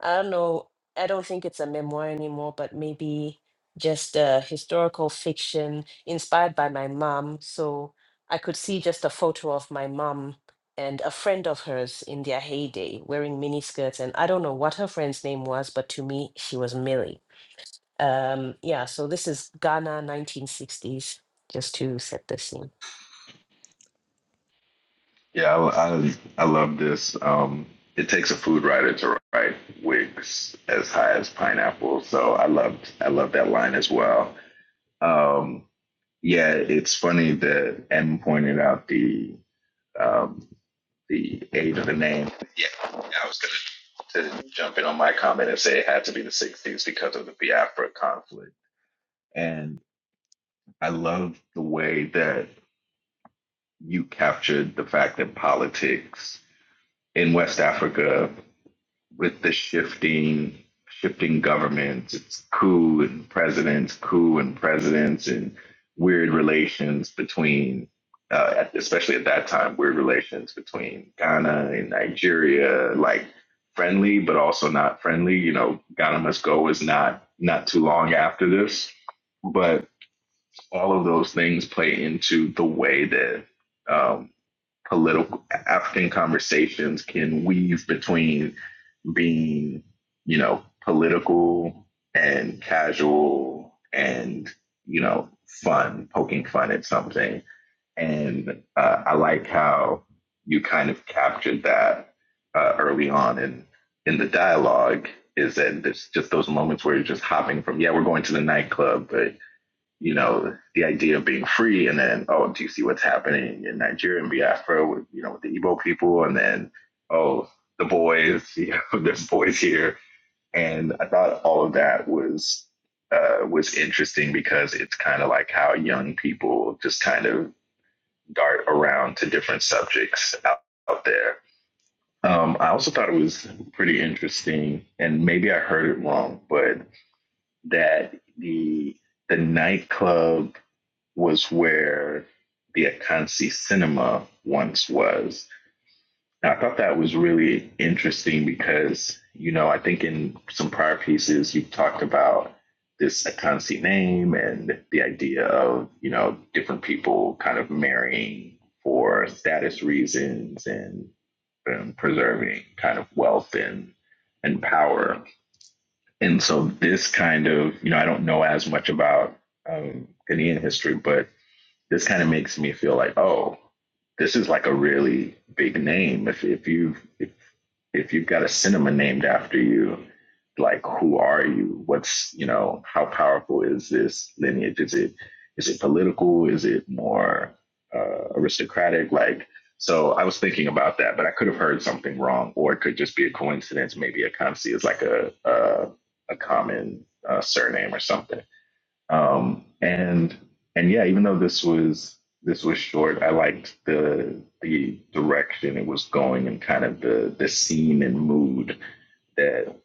Speaker 2: I don't know I don't think it's a memoir anymore but maybe just a historical fiction inspired by my mom so I could see just a photo of my mom and a friend of hers in their heyday wearing miniskirts and I don't know what her friend's name was but to me she was Millie um, yeah, so this is Ghana 1960s, just to set the scene.
Speaker 3: Yeah, I, I, I love this. Um, it takes a food writer to write wigs as high as pineapple. So I loved I loved that line as well. Um, yeah, it's funny that M pointed out the um, the age of the name. Yeah, I was gonna to jump in on my comment and say it had to be the '60s because of the Biafra conflict. And I love the way that you captured the fact that politics in West Africa with the shifting shifting governments, it's coup and presidents, coup and presidents, and weird relations between, uh, especially at that time, weird relations between Ghana and Nigeria, like friendly but also not friendly. You know, Ghana Must Go is not not too long after this, but all of those things play into the way that um, political African conversations can weave between being, you know, political and casual and, you know, fun, poking fun at something. And uh, I like how you kind of captured that uh, early on in, in the dialogue is that there's just those moments where you're just hopping from, yeah, we're going to the nightclub, but you know, the idea of being free, and then oh, do you see what's happening in Nigeria and Biafra with you know with the Igbo people, and then oh, the boys, you know, there's boys here, and I thought all of that was uh, was interesting because it's kind of like how young people just kind of dart around to different subjects out, out there. Um, I also thought it was pretty interesting, and maybe I heard it wrong, but that the the nightclub was where the Akansi Cinema once was. And I thought that was really interesting because, you know, I think in some prior pieces you've talked about this Akansi name and the idea of, you know, different people kind of marrying for status reasons and, and preserving kind of wealth and and power. And so this kind of, you know, I don't know as much about um, Ghanaian history, but this kind of makes me feel like, oh, this is like a really big name. If if you have if if you've got a cinema named after you, like who are you? What's you know how powerful is this lineage? Is it is it political? Is it more uh, aristocratic? Like so, I was thinking about that, but I could have heard something wrong, or it could just be a coincidence. Maybe a Akansi is like a a, a common uh, surname or something. Um, and and yeah, even though this was this was short, I liked the the direction it was going and kind of the the scene and mood that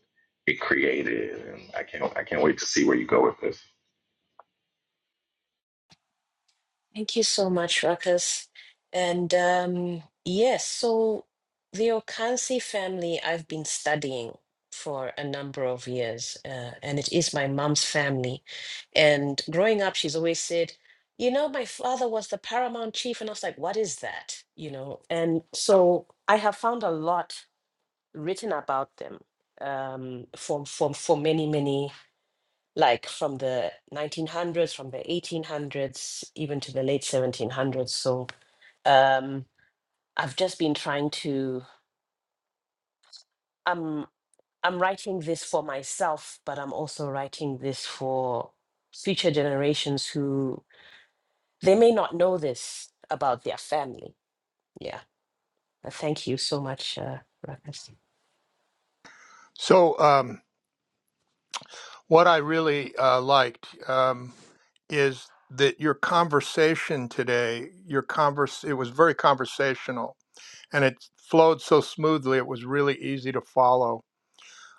Speaker 3: it created. And I can't I can't wait to see where you go with this.
Speaker 2: Thank you so much, Ruckus. And um, yes, so the Okansi family I've been studying for a number of years, uh, and it is my mom's family. And growing up, she's always said, you know, my father was the paramount chief. And I was like, what is that? You know, and so I have found a lot written about them um, for, for, for many, many like from the 1900s, from the 1800s, even to the late 1700s. So um, I've just been trying to. I'm I'm writing this for myself, but I'm also writing this for future generations who they may not know this about their family. Yeah. Uh, Thank you so much, uh, Ruckus.
Speaker 4: So, um, what I really uh, liked um, is that your conversation today, your converse, it was very conversational, and it flowed so smoothly. It was really easy to follow.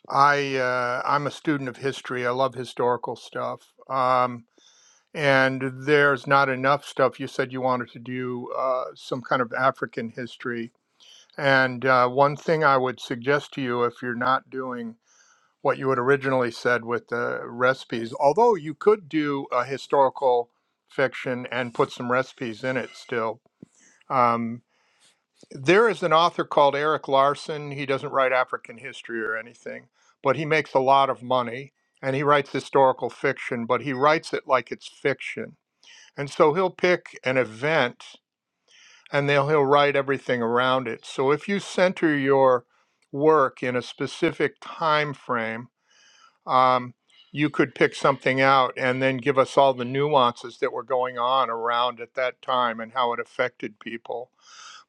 Speaker 4: I uh, I'm a student of history. I love historical stuff. Um, and there's not enough stuff. You said you wanted to do uh, some kind of African history. And uh, one thing I would suggest to you if you're not doing what you had originally said with the recipes, although you could do a historical fiction and put some recipes in it still. Um, there is an author called Eric Larson. He doesn't write African history or anything, but he makes a lot of money and he writes historical fiction, but he writes it like it's fiction and so he'll pick an event and then he'll write everything around it. So if you center your work in a specific time frame, um, you could pick something out and then give us all the nuances that were going on around at that time and how it affected people.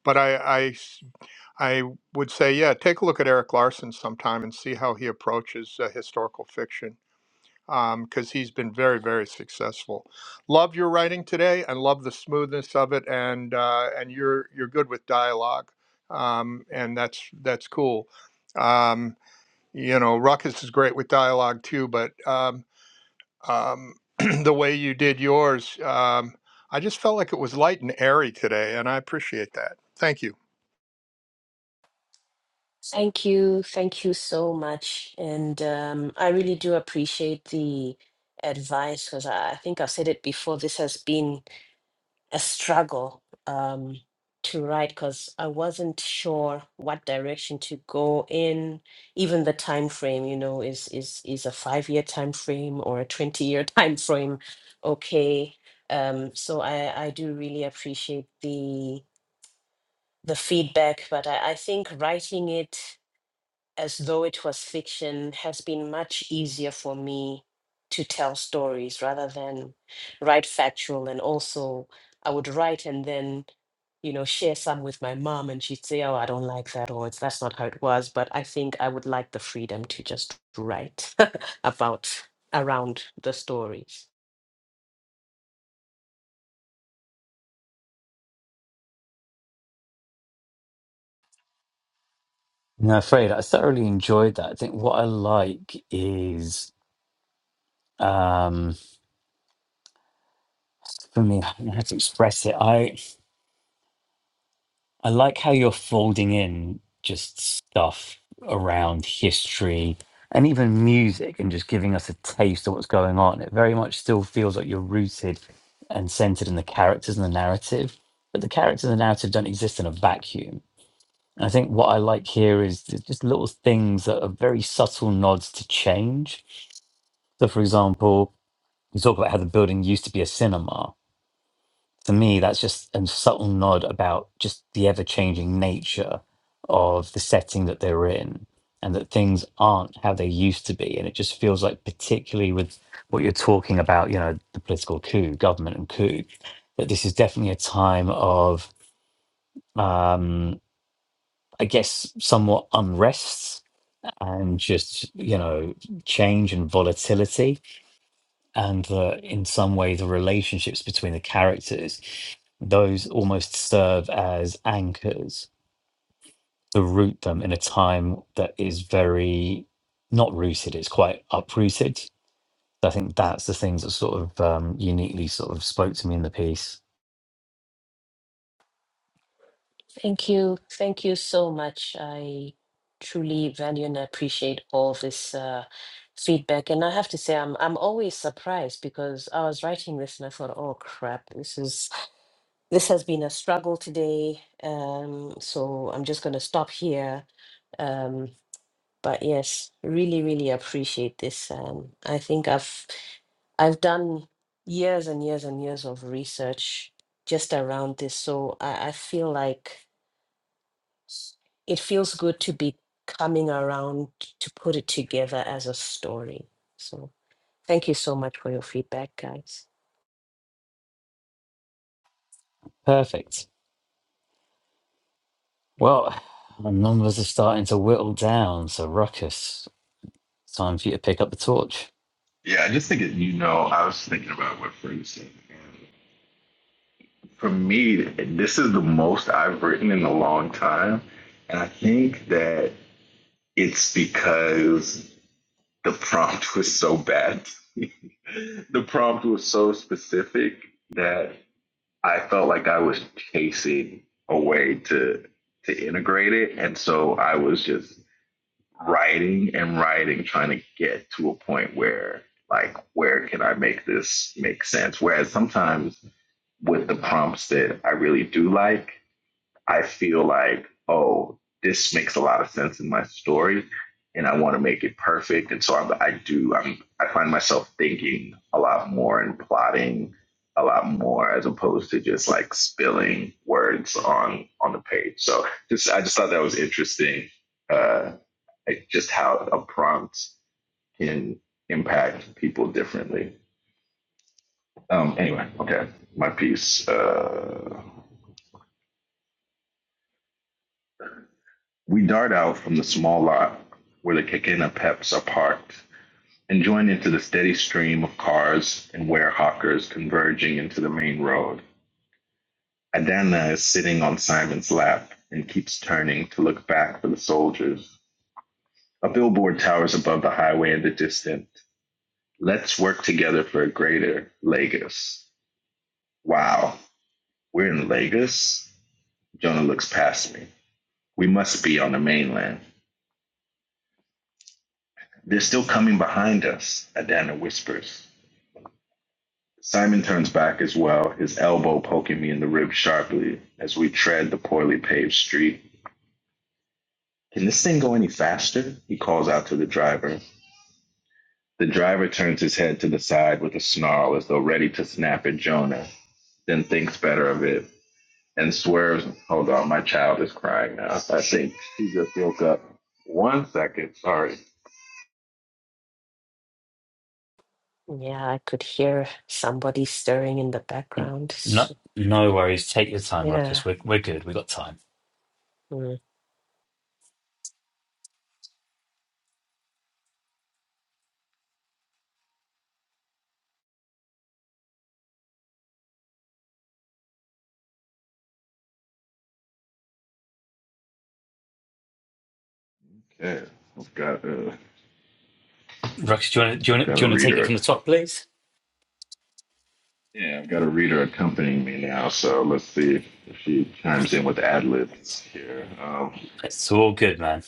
Speaker 4: But I, I s- I would say, yeah, take a look at Eric Larson sometime and see how he approaches uh, historical fiction because um, he's been very, very successful. Love your writing today, and love the smoothness of it, and uh, and you're you're good with dialogue, um, and that's that's cool. Um, you know, Ruckus is great with dialogue too, but um, um, the way you did yours, um, I just felt like it was light and airy today, and I appreciate that. Thank you.
Speaker 2: Thank you, thank you so much, and um, I really do appreciate the advice because I, I think I've said it before. This has been a struggle um, to write because I wasn't sure what direction to go in. Even the time frame, you know, is is is a five year time frame or a twenty year time frame? Okay, um, so I I do really appreciate the the feedback, but I, I think writing it as though it was fiction has been much easier for me to tell stories rather than write factual and also i would write and then you know share some with my mom and she'd say oh i don't like that or it's that's not how it was but i think i would like the freedom to just write about around the story
Speaker 1: No, afraid I thoroughly enjoyed that. I think what I like is, um, for me, I don't know how to express it. I like how you're folding in just stuff around history and even music and just giving us a taste of what's going on. It very much still feels like you're rooted and centered in the characters and the narrative, but the characters and the narrative don't exist in a vacuum. And I think what I like here is th- just little things that are very subtle nods to change. So, for example, you talk about how the building used to be a cinema to me, that's just a subtle nod about just the ever changing nature of the setting that they're in and that things aren't how they used to be. And it just feels like, particularly with what you're talking about, you know, the political coup, government and coup, that this is definitely a time of, um, I guess, somewhat unrests and just, you know, change and volatility and that in some way the relationships between the characters those almost serve as anchors to root them in a time that is very not rooted it's quite uprooted So i think that's the things that sort of um, uniquely sort of spoke to me in the piece
Speaker 2: Thank you. Thank you so much. I truly value and appreciate all this uh, feedback. And I have to say, I'm I'm always surprised because I was writing this and I thought, oh crap, this is this has been a struggle today. Um, so I'm just going to stop here. Um, but yes, really, really appreciate this. Um, I think I've I've done years and years and years of research just around this, so I, I feel like s- it feels good to be coming around to put it together as a story. So thank you so much for your feedback, guys.
Speaker 1: perfect well the numbers are starting to whittle down so ruckus time for you to pick up the torch
Speaker 3: Yeah, I just think it, you know I was thinking about what Freddie said. And For me, this is the most I've written in a long time, and I think that it's because The prompt was so bad. the prompt was so specific that I felt like I was chasing a way to to integrate it, and so I was just writing and writing, trying to get to a point where like where can I make this make sense? Whereas sometimes with the prompts that I really do like, I feel like, oh, this makes a lot of sense in my story, and I want to make it perfect. And so I, I do. I'm, I find myself thinking a lot more and plotting a lot more as opposed to just like spilling words on on the page. So just I just thought that was interesting. Uh, like just how a prompt can impact people differently. Um, anyway, okay, my piece. Uh, We dart out from the small lot where the Kekena Peps are parked and join into the steady stream of cars and warehawkers converging into the main road. Adana is sitting on Simon's lap and keeps turning to look back for the soldiers. A billboard towers above the highway in the distance. Let's work together for a greater Lagos. Wow, we're in Lagos? Jonah looks past me. We must be on the mainland. They're still coming behind us, Adana whispers. Simon turns back as well, his elbow poking me in the rib sharply as we tread the poorly paved street. Can this thing go any faster? He calls out to the driver. The driver turns his head to the side with a snarl as though ready to snap at Jonah, then thinks better of it and swerves. Hold on, my child is crying now. I think she just woke up. One second, sorry.
Speaker 2: Yeah, I could hear somebody stirring in the
Speaker 1: N-
Speaker 2: background.
Speaker 1: no
Speaker 2: S-
Speaker 1: no worries take your time
Speaker 2: Yeah.
Speaker 1: ruckus we're, we're good we got time
Speaker 2: mm.
Speaker 3: Yeah, I've got, uh,
Speaker 1: Rox, do you want to do you
Speaker 3: I've
Speaker 1: want to,
Speaker 3: got
Speaker 1: do
Speaker 3: to
Speaker 1: you want to
Speaker 3: read
Speaker 1: take it
Speaker 3: her a
Speaker 1: from the top, please?
Speaker 3: Yeah, I've got a reader accompanying me now, so let's see if, if she chimes in with ad libs here. Um,
Speaker 1: It's all good, man.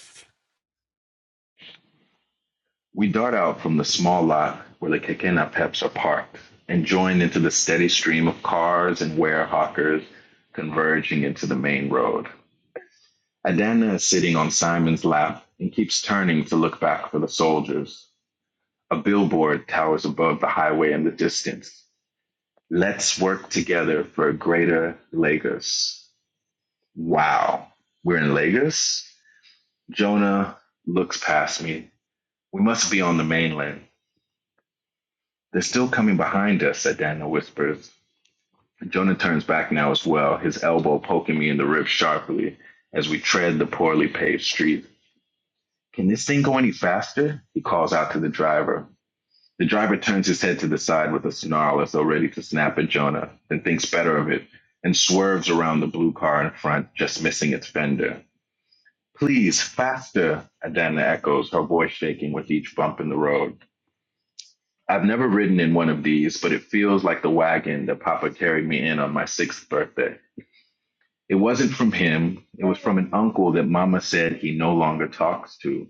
Speaker 3: we dart out from the small lot where the Kekena Peps are parked and join into the steady stream of cars and warehawkers converging into the main road. Adana is sitting on Simon's lap and keeps turning to look back for the soldiers. A billboard towers above the highway in the distance. Let's work together for a greater Lagos. Wow, we're in Lagos? Jonah looks past me. We must be on the mainland. They're still coming behind us, Adana whispers. Jonah turns back now as well, his elbow poking me in the rib sharply as we tread the poorly paved street. Can this thing go any faster? He calls out to the driver. The driver turns his head to the side with a snarl as though ready to snap at Jonah, then thinks better of it and swerves around the blue car in front, just missing its fender. Please, faster, Adana echoes, her voice shaking with each bump in the road. I've never ridden in one of these, but it feels like the wagon that Papa carried me in on my sixth birthday. It wasn't from him, it was from an uncle that Mama said he no longer talks to.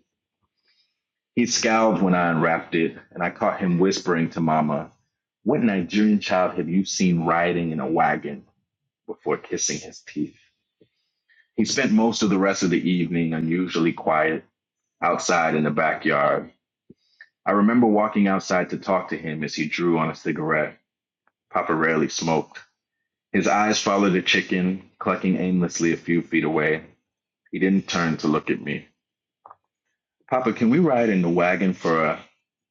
Speaker 3: He scowled when I unwrapped it, and I caught him whispering to Mama, What Nigerian child have you seen riding in a wagon? before kissing his teeth. He spent most of the rest of the evening unusually quiet outside in the backyard I remember walking outside to talk to him as he drew on a cigarette. Papa rarely smoked. His eyes followed a chicken clucking aimlessly a few feet away. He didn't turn to look at me. Papa, can we ride in the wagon for a.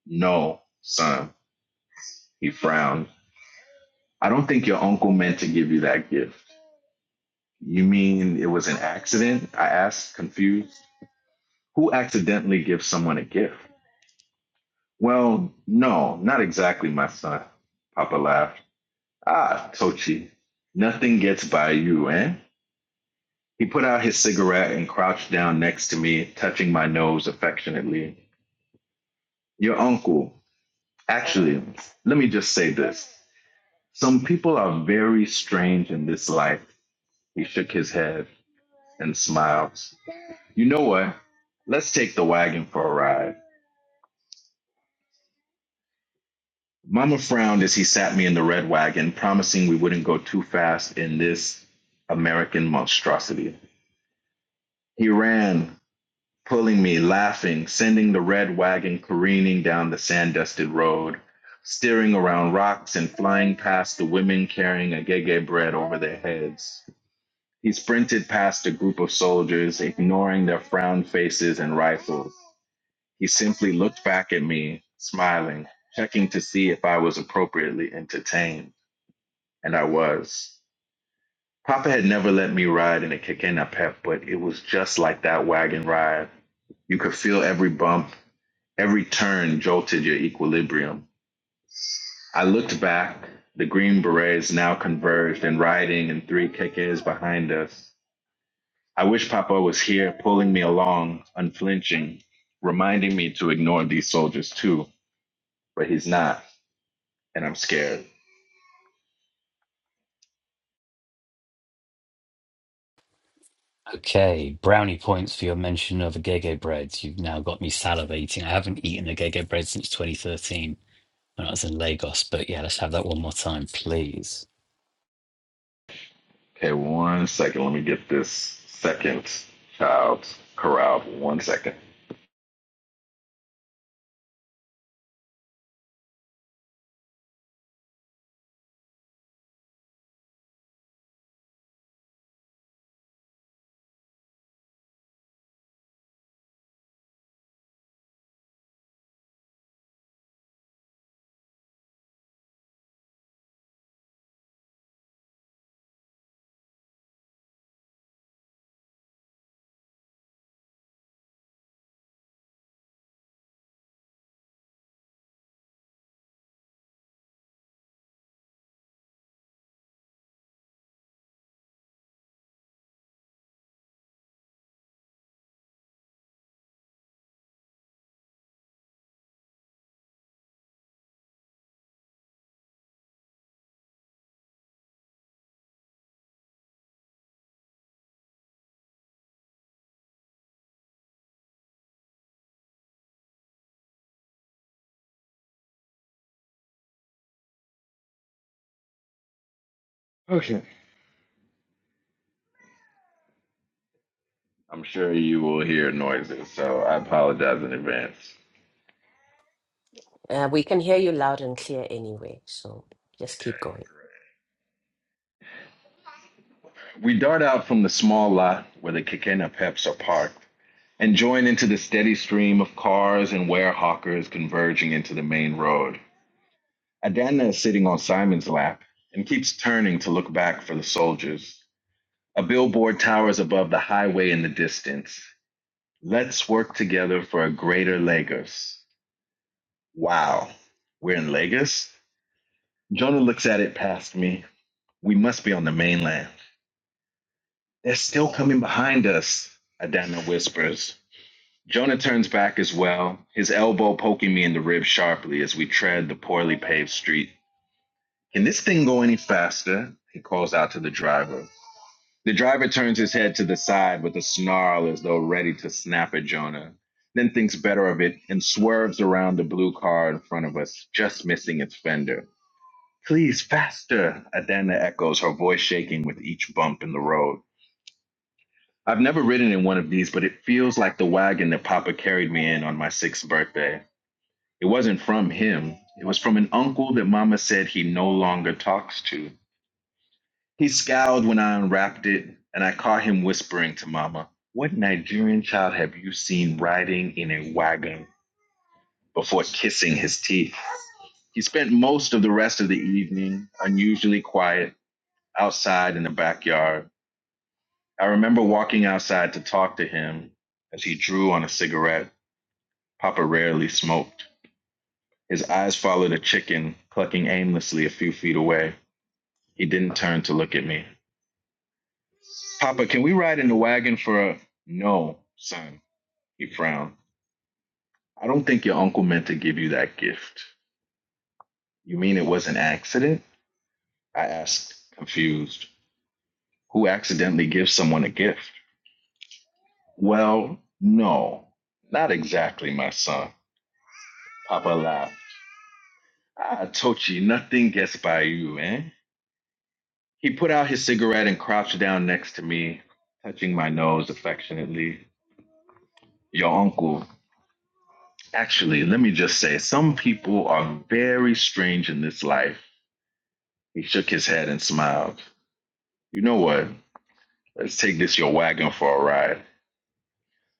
Speaker 3: No, son. He frowned. I don't think your uncle meant to give you that gift. You mean it was an accident? I asked, confused. Who accidentally gives someone a gift? Well, no, not exactly, my son. Papa laughed. Ah, Tochi, nothing gets by you, eh? He put out his cigarette and crouched down next to me, touching my nose affectionately. Your uncle. Actually, let me just say this. Some people are very strange in this life. He shook his head and smiled. You know what? Let's take the wagon for a ride. Mama frowned as he sat me in the red wagon, promising we wouldn't go too fast in this American monstrosity. He ran, pulling me, laughing, sending the red wagon careening down the sand dusted road, steering around rocks and flying past the women carrying agege bread over their heads. He sprinted past a group of soldiers, ignoring their frowned faces and rifles. He simply looked back at me, smiling, checking to see if I was appropriately entertained. And I was. Papa had never let me ride in a Kekena Pep, but it was just like that wagon ride. You could feel every bump, Every turn jolted your equilibrium. I looked back. The Green Berets now converged and riding in three kekes behind us. I wish Papa was here, pulling me along, unflinching, reminding me to ignore these soldiers too. But he's not, and I'm scared.
Speaker 1: Okay, brownie points for your mention of a Gege bread. You've now got me salivating. I haven't eaten a Gege bread since 2013 when I was in Lagos. But yeah, let's have that one more time, please.
Speaker 3: Okay, one second. Let me get this second child corralled. One second. Okay. I'm sure you will hear noises, so I apologize in advance.
Speaker 2: Uh, we can hear you loud and clear anyway, so just keep going.
Speaker 3: We dart out from the small lot where the Kekena Peps are parked and join into the steady stream of cars and warehawkers converging into the main road. Adana is sitting on Simon's lap and keeps turning to look back for the soldiers. A billboard towers above the highway in the distance. Let's work together for a greater Lagos. Wow, we're in Lagos? Jonah looks at it past me. We must be on the mainland. They're still coming behind us, Adana whispers. Jonah turns back as well, his elbow poking me in the rib sharply as we tread the poorly paved street. Can this thing go any faster? He calls out to the driver. The driver turns his head to the side with a snarl as though ready to snap at Jonah, then thinks better of it and swerves around the blue car in front of us, just missing its fender. Please, faster! Adana echoes, her voice shaking with each bump in the road. I've never ridden in one of these, but it feels like the wagon that Papa carried me in on my sixth birthday. It wasn't from him. It was from an uncle that Mama said he no longer talks to. He scowled when I unwrapped it, and I caught him whispering to Mama, What Nigerian child have you seen riding in a wagon before kissing his teeth? He spent most of the rest of the evening unusually quiet outside in the backyard. I remember walking outside to talk to him as he drew on a cigarette. Papa rarely smoked. His eyes followed a chicken clucking aimlessly a few feet away. He didn't turn to look at me. Papa, can we ride in the wagon for a. No, son, he frowned. I don't think your uncle meant to give you that gift. You mean it was an accident? I asked, confused. Who accidentally gives someone a gift? Well, no, not exactly, my son. Papa laughed. I told you, nothing gets by you, eh? He put out his cigarette and crouched down next to me, touching my nose affectionately. Your uncle, Actually, let me just say, some people are very strange in this life. He shook his head and smiled. You know what? Let's take this your wagon for a ride.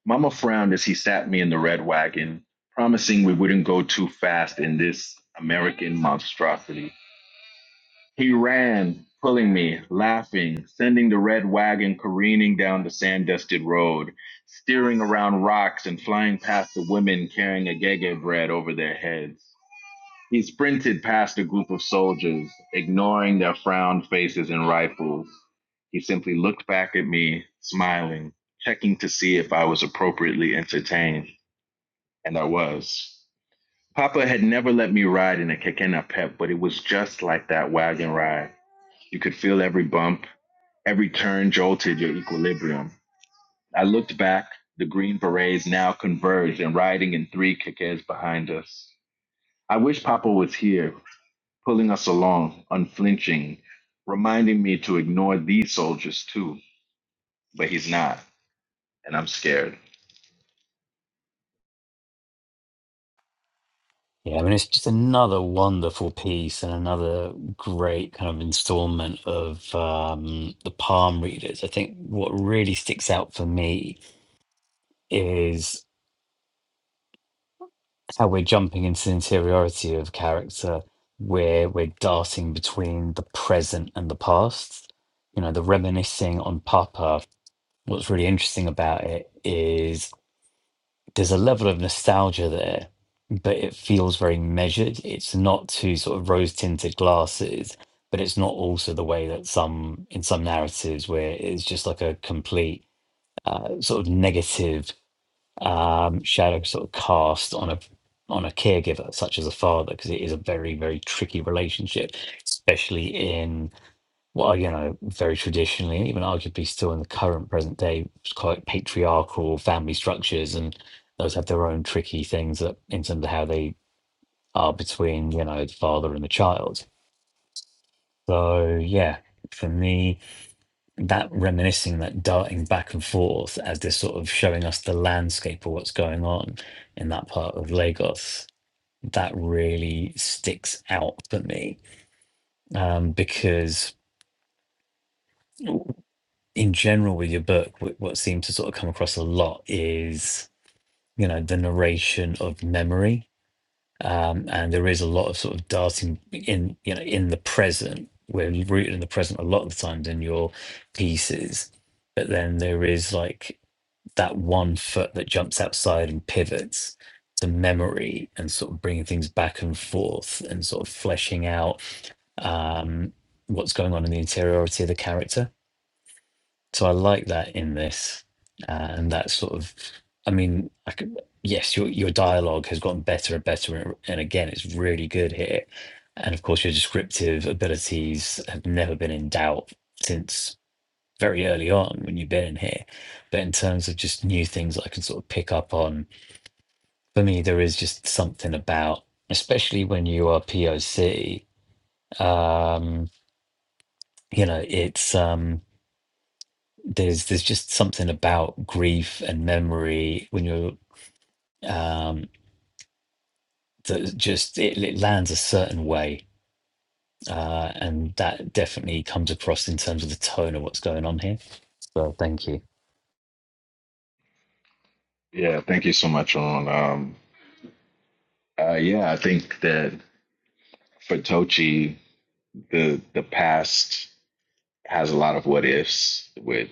Speaker 3: Mama frowned as he sat me in the red wagon, promising we wouldn't go too fast in this American monstrosity. He ran, pulling me, laughing, sending the red wagon careening down the sand dusted road, steering around rocks and flying past the women carrying a gege bread over their heads. He sprinted past a group of soldiers, ignoring their frowned faces and rifles. He simply looked back at me, smiling, checking to see if I was appropriately entertained, and I was. Papa had never let me ride in a Kekena Pep, but it was just like that wagon ride. You could feel every bump, every turn jolted your equilibrium. I looked back, the green berets now converged and riding in three kekes behind us. I wish Papa was here. pulling us along, unflinching, reminding me to ignore these soldiers too. But he's not, and I'm scared.
Speaker 1: Yeah, I mean, it's just another wonderful piece and another great kind of installment of um, the palm readers. I think what really sticks out for me is. how we're jumping into the interiority of character where we're darting between the present and the past. You know, the reminiscing on Papa, what's really interesting about it is there's a level of nostalgia there, but it feels very measured. It's not too sort of rose tinted glasses, but it's not also the way that some in some narratives where it's just like a complete uh, sort of negative um, shadow sort of cast on a on a caregiver such as a father because it is a very very tricky relationship especially in well you know very traditionally and even arguably still in the current present day it's quite patriarchal family structures and those have their own tricky things that in terms of how they are between you know the father and the child so yeah for me that reminiscing, that darting back and forth as they're sort of showing us the landscape of what's going on in that part of Lagos, that really sticks out for me um, because, in general, with your book, wh- what seems to sort of come across a lot is you know the narration of memory, um, and there is a lot of sort of darting in you know in the present. We're rooted in the present a lot of the times in your pieces, but then there is like that one foot that jumps outside and pivots to memory and sort of bringing things back and forth and sort of fleshing out um, what's going on in the interiority of the character. So I like that in this, uh, and that sort of, I mean, I could, yes, your your dialogue has gotten better and better, and and again, it's really good here. And of course, your descriptive abilities have never been in doubt since very early on when you've been in here. But in terms of just new things I can sort of pick up on, for me, there is just something about, especially when you are POC, um, you know, it's um, there's there's just something about grief and memory when you're um, that just it, it lands a certain way. Uh, and that definitely comes across in terms of the tone of what's going on here. So thank you.
Speaker 3: Yeah, thank you so much, on. Um, uh, yeah, I think that for Tochi, the the past has a lot of what ifs with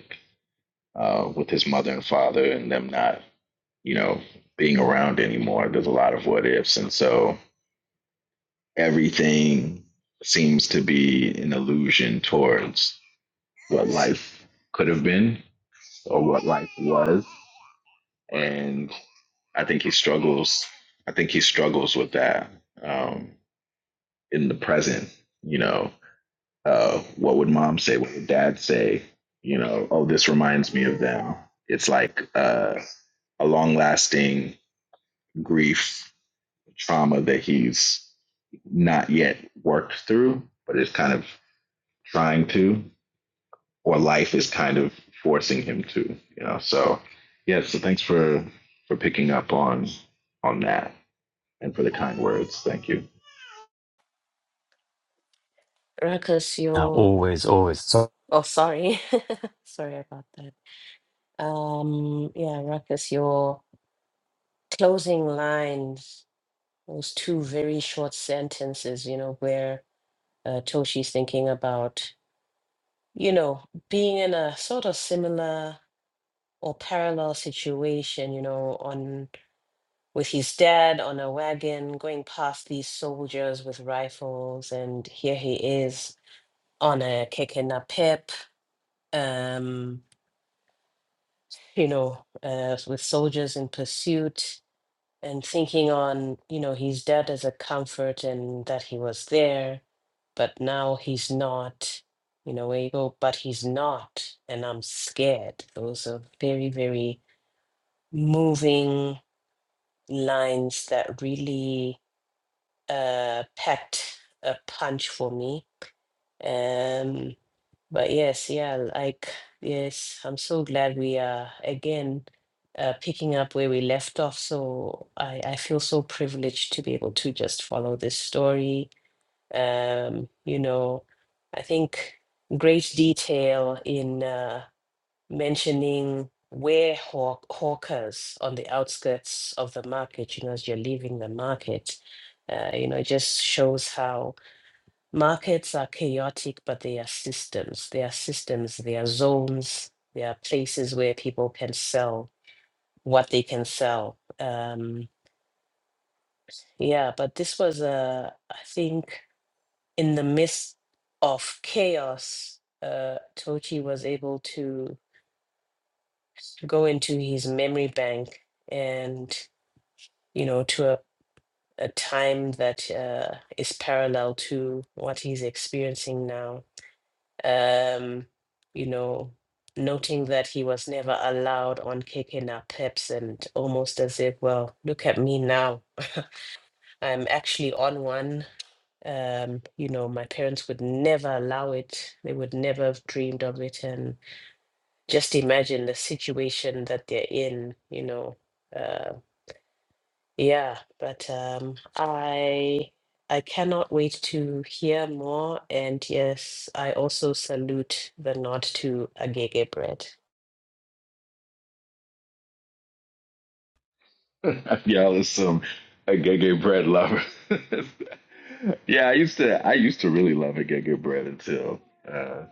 Speaker 3: uh, with his mother and father and them not, you know, being around anymore. There's a lot of what ifs, and so everything seems to be an illusion towards what life could have been or what life was. And I think he struggles. I think he struggles with that um, in the present. You know, uh, what would mom say? What would dad say? You know, oh, this reminds me of them. It's like uh, a long lasting grief trauma that he's not yet worked through, but is kind of trying to. or life is kind of forcing him to, you know. So yeah, so thanks for for picking up on on that and for the kind words. Thank you.
Speaker 2: Ruckus,
Speaker 1: Uh,
Speaker 2: you're.
Speaker 1: always, always. So
Speaker 2: Oh, sorry. sorry about that. Um, yeah, Ruckus, your closing lines, those two very short sentences, you know, where uh, Toshi's thinking about, you know, being in a sort of similar or parallel situation, you know, on with his dad on a wagon going past these soldiers with rifles, and here he is on a kicking a pip, um, you know, uh, with soldiers in pursuit and thinking on, you know, he's dead as a comfort and that he was there, but now he's not, you know, where you go, but he's not, and I'm scared. Those are very, very moving lines that really uh, packed a punch for me. Um, but yes, yeah, like, yes, I'm so glad we are again uh, picking up where we left off. So I, I feel so privileged to be able to just follow this story. Um, you know, I think great detail in uh, mentioning where hawk hawkers on the outskirts of the market, you know, as you're leaving the market, uh, you know, it just shows how. Markets are chaotic, but they are systems. They are systems, they are zones, they are places where people can sell what they can sell. Um, yeah, but this was, uh, I think, in the midst of chaos, uh, Tochi was able to go into his memory bank and, you know, to a, a time that uh, is parallel to what he's experiencing now um, you know, noting that he was never allowed on kicking our pips and almost as if, well, look at me now. I'm actually on one. Um, you know, my parents would never allow it. They would never have dreamed of it. And just imagine the situation that they're in, you know. uh, yeah, but um, I I cannot wait to hear more. And yes, I also salute the nod to Agege Bread.
Speaker 3: Y'all is some agege bread lover. yeah, I used to I used to really love agege bread until uh,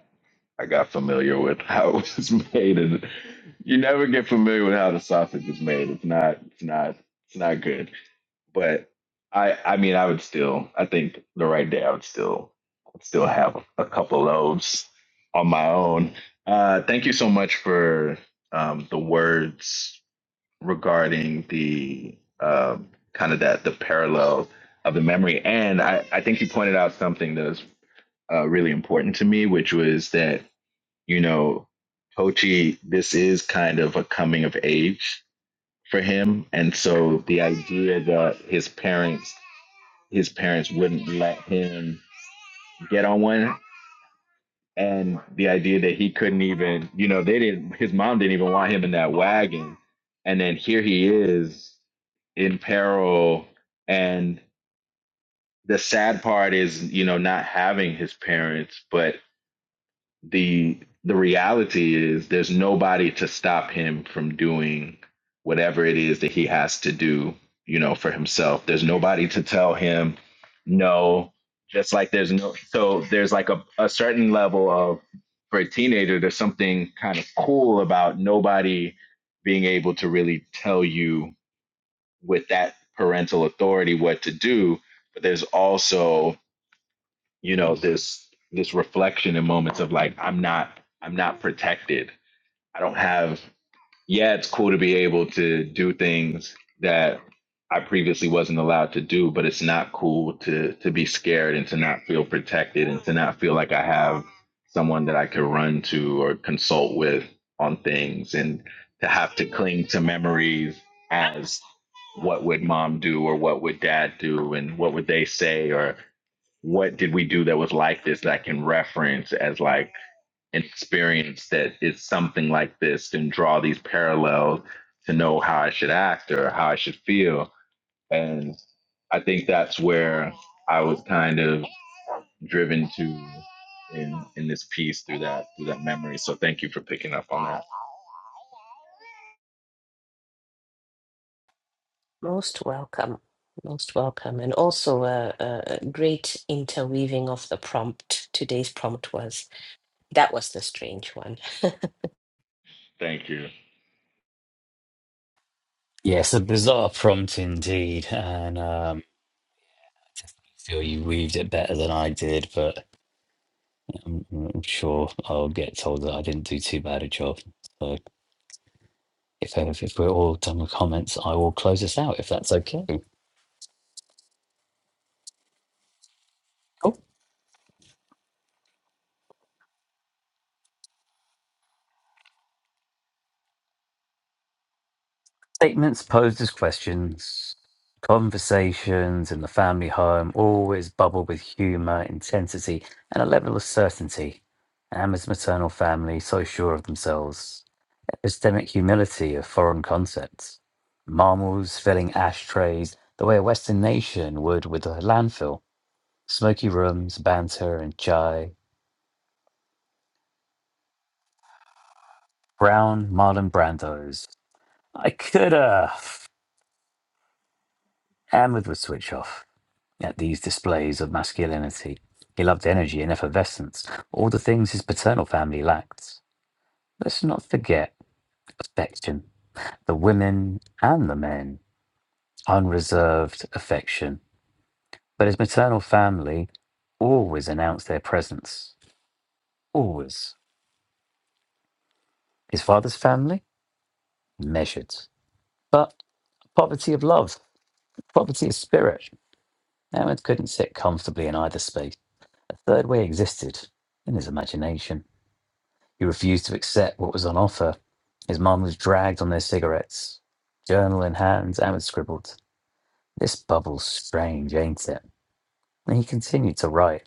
Speaker 3: I got familiar with how it was made and you never get familiar with how the sausage is made. It's not it's not it's not good. But I I mean I would still I think the right day I would still still have a couple loaves on my own. Uh thank you so much for um the words regarding the um kind of that the parallel of the memory. And I, I think you pointed out something that was uh, really important to me, which was that, you know, Kochi, this is kind of a coming of age for him. And so the idea that his parents his parents wouldn't let him get on one and the idea that he couldn't even you know they didn't his mom didn't even want him in that wagon and then here he is in peril and the sad part is you know not having his parents but the the reality is there's nobody to stop him from doing whatever it is that he has to do you know for himself there's nobody to tell him no just like there's no so there's like a, a certain level of for a teenager there's something kind of cool about nobody being able to really tell you with that parental authority what to do but there's also you know this this reflection in moments of like i'm not i'm not protected i don't have yeah it's cool to be able to do things that i previously wasn't allowed to do but it's not cool to to be scared and to not feel protected and to not feel like i have someone that i could run to or consult with on things and to have to cling to memories as what would mom do or what would dad do and what would they say or what did we do that was like this that I can reference as like an experience that is something like this and draw these parallels to know how I should act or how I should feel. And I think that's where I was kind of driven to in in this piece through that through that memory. So thank you for picking up on that.
Speaker 2: Most welcome, most welcome, and also a, a a great interweaving of the prompt. Today's prompt was that was the strange one.
Speaker 3: Thank you.
Speaker 1: Yes, a bizarre prompt indeed, and um, I feel you weaved it better than I did, but I'm, I'm sure I'll get told that I didn't do too bad a job. So if, uh, if we're all done with comments, I will close us out if that's okay. Cool. Statements posed as questions, conversations in the family home always bubble with humor, intensity, and a level of certainty. Emma's maternal family, so sure of themselves, epistemic humility of foreign concepts, marmals filling ashtrays the way a Western nation would with a landfill, smoky rooms, banter, and chai, brown Marlon Brandos. I could have. Ahmed would switch off at these displays of masculinity. He loved energy and effervescence, all the things his paternal family lacked. Let's not forget affection. The women and the men, unreserved affection But his maternal family always announced their presence. Always. His father's family measured. But poverty of love, poverty of spirit. Ahmed couldn't sit comfortably in either space. A third way existed in his imagination. He refused to accept what was on offer. His mum was dragged on their cigarettes. Journal in hand, Ahmed scribbled. This bubble's strange, ain't it? And he continued to write.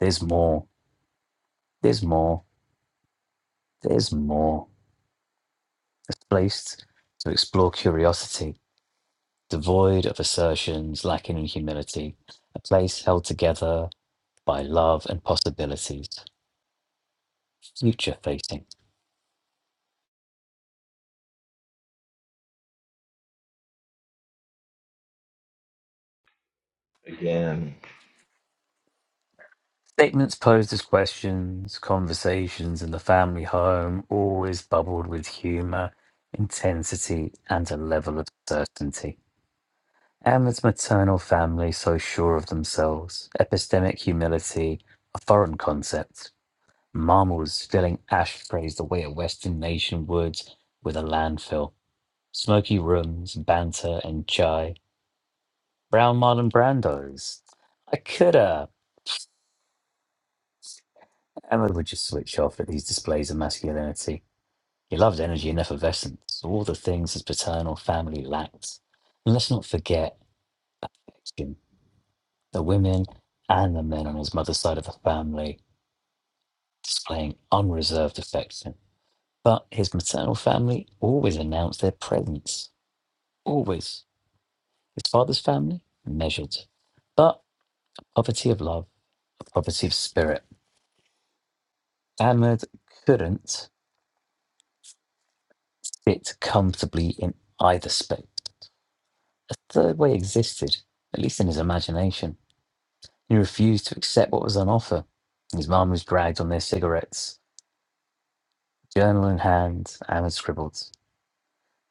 Speaker 1: There's more. There's more. There's more. It's placed to explore curiosity, devoid of assertions, lacking in humility, a place held together by love and possibilities, future facing.
Speaker 3: Again.
Speaker 1: Statements posed as questions, conversations in the family home always bubbled with humour, intensity, and a level of certainty. Emma's maternal family, so sure of themselves, epistemic humility, a foreign concept. Mama was filling ashtrays the way a Western nation would with a landfill. Smoky rooms, banter, and chai. Brown Marlon Brandos. I coulda. Emma would just switch off at these displays of masculinity. He loved energy and effervescence, all the things his paternal family lacked. And let's not forget Jim, the women and the men on his mother's side of the family displaying unreserved affection. But his maternal family always announced their presence. Always. His father's family, measured, but poverty of love, poverty of spirit. Ahmed couldn't fit comfortably in either space. A third way existed, at least in his imagination. He refused to accept what was on offer. His mum was dragged on their cigarettes. Journal in hand, Ahmed scribbled.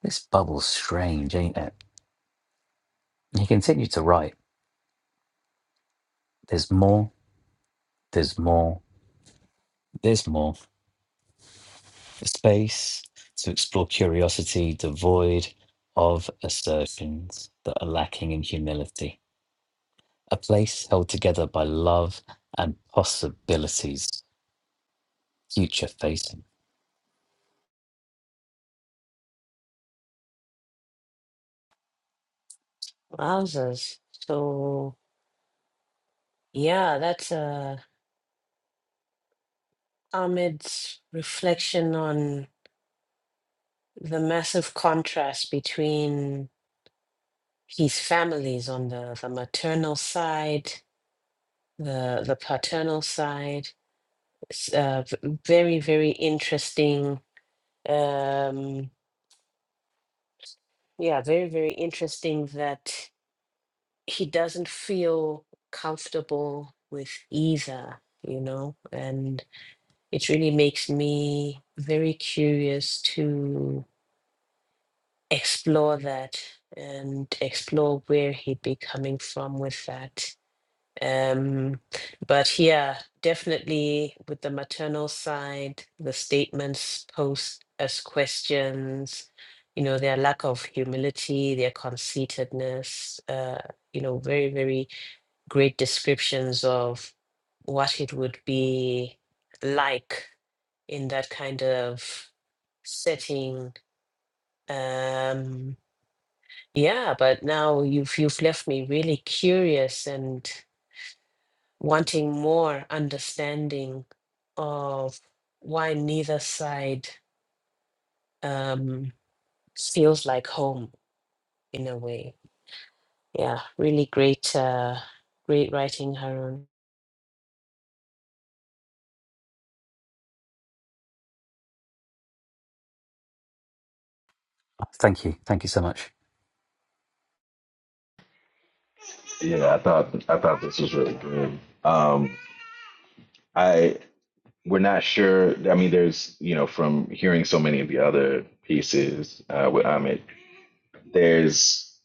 Speaker 1: This bubble's strange, ain't it? He continued to write. There's more, there's more, there's more. for space to explore curiosity devoid of assertions that are lacking in humility, a place held together by love and possibilities, future facing.
Speaker 2: Wowzers! So yeah, that's uh, Ahmed's reflection on the massive contrast between. his families on the, the maternal side, the the paternal side. It's uh, v- very very interesting. Um, yeah, very very interesting that he doesn't feel comfortable with either. You know, and it really makes me very curious to explore that and explore where he'd be coming from with that Um, but yeah, definitely with the maternal side, the statements posed as questions, you know, their lack of humility, their conceitedness, uh, you know, very, very great descriptions of what it would be like in that kind of setting. Um, yeah, but now you've you've left me really curious and wanting more understanding of why neither side um, feels like home in a way. Yeah, really great, uh, great writing, Harun.
Speaker 1: Thank you. Thank you so much.
Speaker 3: Yeah, I thought I thought this was really good. Um I we're not sure. I mean, there's, you know, from hearing so many of the other pieces uh, with Amit, there's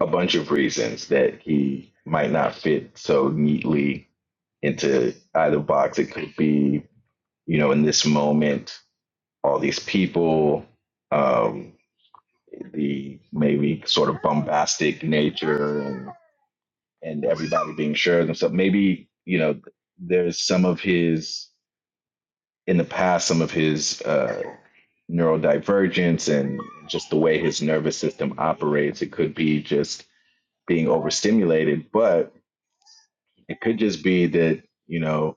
Speaker 3: a bunch of reasons that he might not fit so neatly into either box. It could be, you know, in this moment, all these people, um, the maybe sort of bombastic nature and, and everybody being sure of themselves. Maybe, you know, there's some of his, in the past, some of his, uh, neurodivergence and just the way his nervous system operates. It could be just being overstimulated, but it could just be that, you know,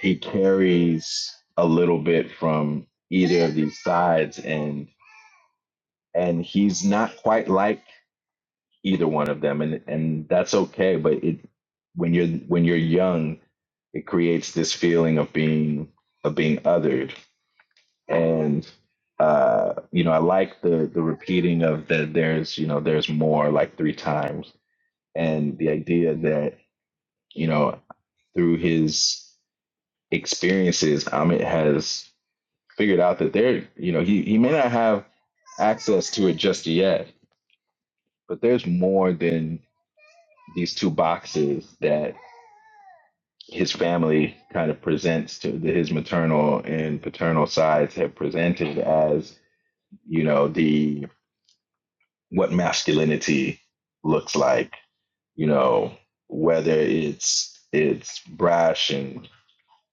Speaker 3: he carries a little bit from either of these sides and and he's not quite like either one of them and and that's okay but it when you're when you're young it creates this feeling of being of being othered and uh you know i like the the repeating of that there's you know there's more like three times and the idea that you know through his experiences amit has figured out that there you know he, he may not have access to it just yet but there's more than these two boxes that his family kind of presents to the, his maternal and paternal sides have presented as you know the what masculinity looks like you know whether it's it's brash and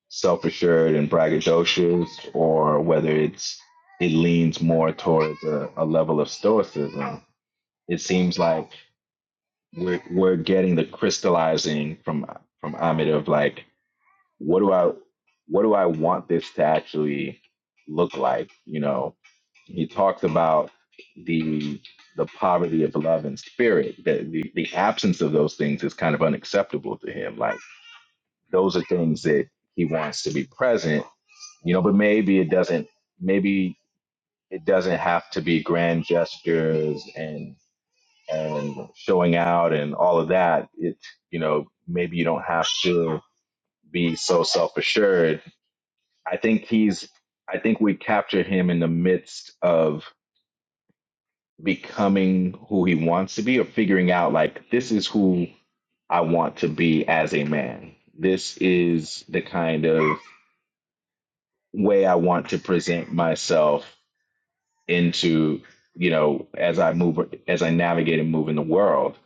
Speaker 3: self-assured and braggadocious or whether it's it leans more towards a, a level of stoicism it seems like we're we're getting the crystallizing from from Amit of like what do I what do I want this to actually look like? You know, he talks about the the poverty of love and spirit. The, the the absence of those things is kind of unacceptable to him. Like those are things that he wants to be present, you know, but maybe it doesn't maybe it doesn't have to be grand gestures and and showing out and all of that. It you know, maybe you don't have to be so self assured I think he's I think we capture him in the midst of becoming who he wants to be or figuring out like this is who I want to be as a man. This is the kind of way I want to present myself into, you know, as I move as I navigate and move in the world.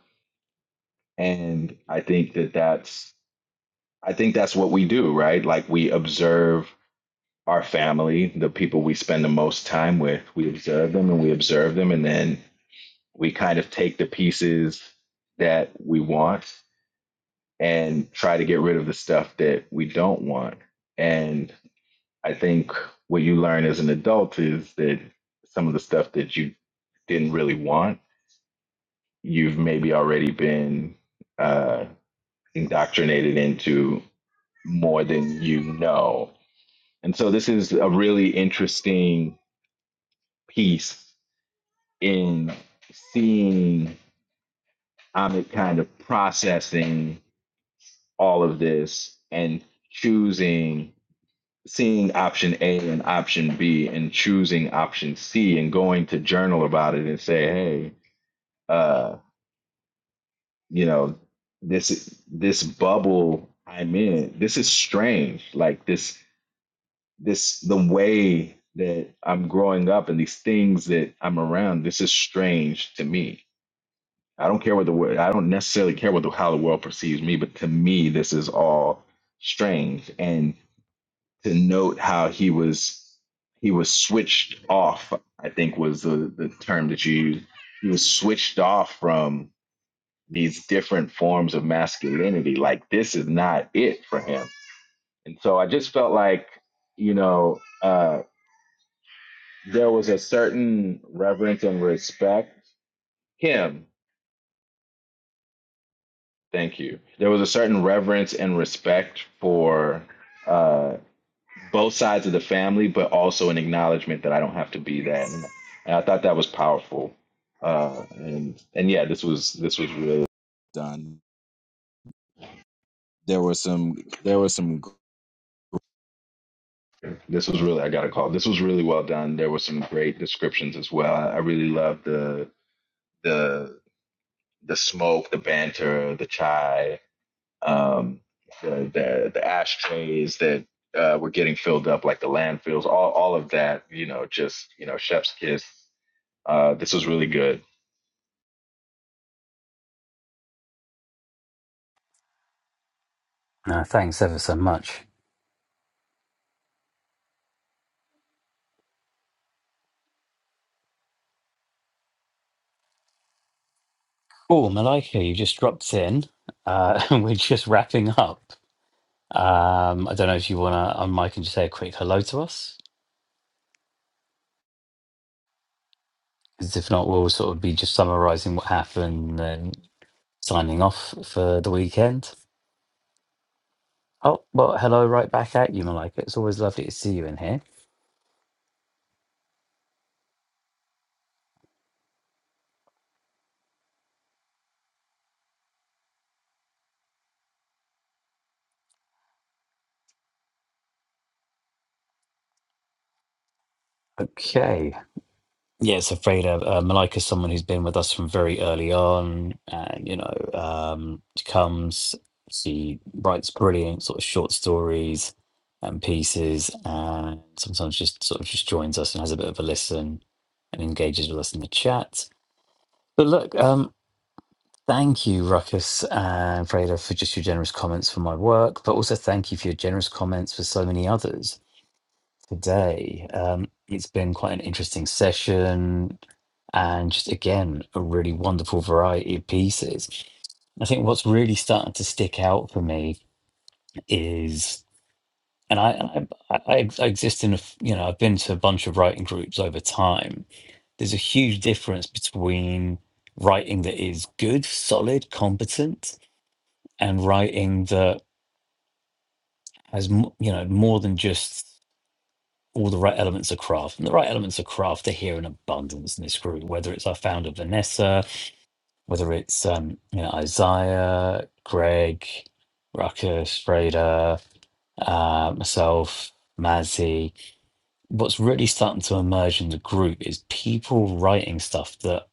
Speaker 3: And I think that that's I think that's what we do, right? Like we observe our family, the people we spend the most time with, we observe them and we observe them, and then we kind of take the pieces that we want and try to get rid of the stuff that we don't want. And I think what you learn as an adult is that some of the stuff that you didn't really want, you've maybe already been uh, indoctrinated into more than you know. And so this is a really interesting piece in seeing Amit kind of processing all of this and choosing, seeing option A and option B and choosing option C and going to journal about it and say, hey, uh, you know, this this bubble I'm in, this is strange. Like this, this the way that I'm growing up and these things that I'm around, this is strange to me I don't care what the wo- I don't necessarily care what the, how the world perceives me, but to me, this is all strange. And to note how he was he was switched off, I think was the, the term that you used. He was switched off from these different forms of masculinity. Like this is not it for him. And so I just felt like, you know, uh, there was a certain reverence and respect. Him Thank you. There was a certain reverence and respect for uh, both sides of the family, but also an acknowledgement that I don't have to be that. And, and I thought that was powerful. Uh, and and yeah, this was this was really done. There was some there was some this was really I got to call. This was really well done. There were some great descriptions as well. I, I really loved the the the smoke, the banter, the chai um, the, the the ashtrays that uh, were getting filled up, like the landfills, all all of that. You know, just you know, chef's kiss. Uh, this was really good.
Speaker 1: No, thanks ever so much. Oh, Malika, you just dropped in. Uh, and we're just wrapping up. Um, I don't know if you want to, on mic and just say a quick hello to us. Because if not, we'll sort of be just summarizing what happened and signing off for the weekend. Oh, well, hello, right back at you, Malika. It's always lovely to see you in here. Okay. Yeah, so Freda, uh, Malika's someone who's been with us from very early on, and you know, um, she comes, she writes brilliant sort of short stories and pieces, and sometimes just sort of just joins us and has a bit of a listen and engages with us in the chat. But look, um, thank you, Ruckus and Freda, for just your generous comments for my work, but also thank you for your generous comments for so many others today. Um, it's been quite an interesting session and just again, a really wonderful variety of pieces. I think what's really starting to stick out for me is, and I, and I, I I exist in a, f- you know, I've been to a bunch of writing groups over time. There's a huge difference between writing that is good, solid, competent, and writing that has, m- you know, more than just all the right elements of craft. And the right elements of craft are here in abundance in this group, whether it's our founder Vanessa, whether it's um, you know, Isaiah, Greg, Ruckus, Freda, uh, myself, Mazzy. What's really starting to emerge in the group is people writing stuff that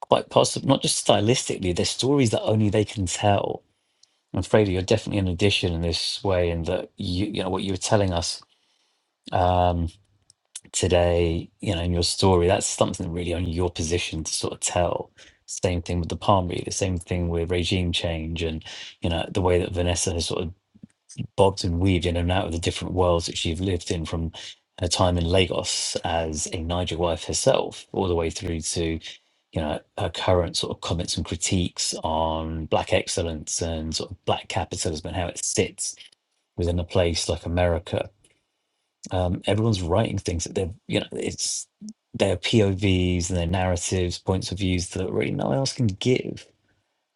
Speaker 1: quite possibly not just stylistically, they're stories that only they can tell. And Freda, you're definitely an addition in this way in that you you know what you were telling us. Um, today, you know, in your story, that's something really only your position to sort of tell. Same thing with the palm reader, same thing with regime change and, you know, the way that Vanessa has sort of bobbed and weaved in and out of the different worlds that she's lived in from her time in Lagos as a Niger wife herself, all the way through to, you know, her current sort of comments and critiques on black excellence and sort of black capitalism and how it sits within a place like America um, everyone's writing things that they're you know it's their povs and their narratives points of views that really no one else can give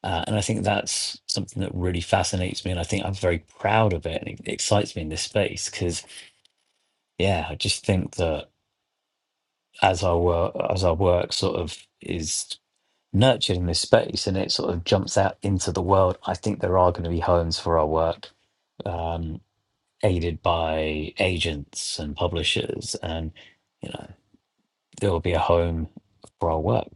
Speaker 1: uh, and i think that's something that really fascinates me and i think i'm very proud of it and it excites me in this space because yeah i just think that as our work as our work sort of is nurtured in this space and it sort of jumps out into the world i think there are going to be homes for our work um, aided by agents and publishers and you know there will be a home for our work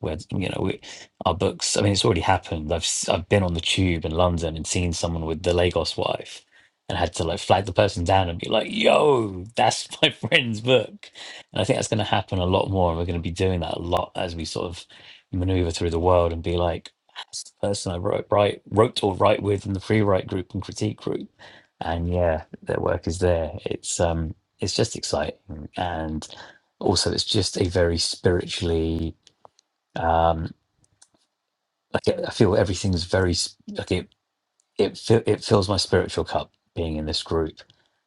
Speaker 1: where you know we, our books i mean it's already happened i've s- i've been on the tube in london and seen someone with the lagos wife and had to like flag the person down and be like yo that's my friend's book and i think that's going to happen a lot more and we're going to be doing that a lot as we sort of maneuver through the world and be like that's the person i wrote write, wrote or write with in the free write group and critique group and yeah their work is there it's um it's just exciting and also it's just a very spiritually um like i feel everything's very s- like it it, fi- it fills my spiritual cup being in this group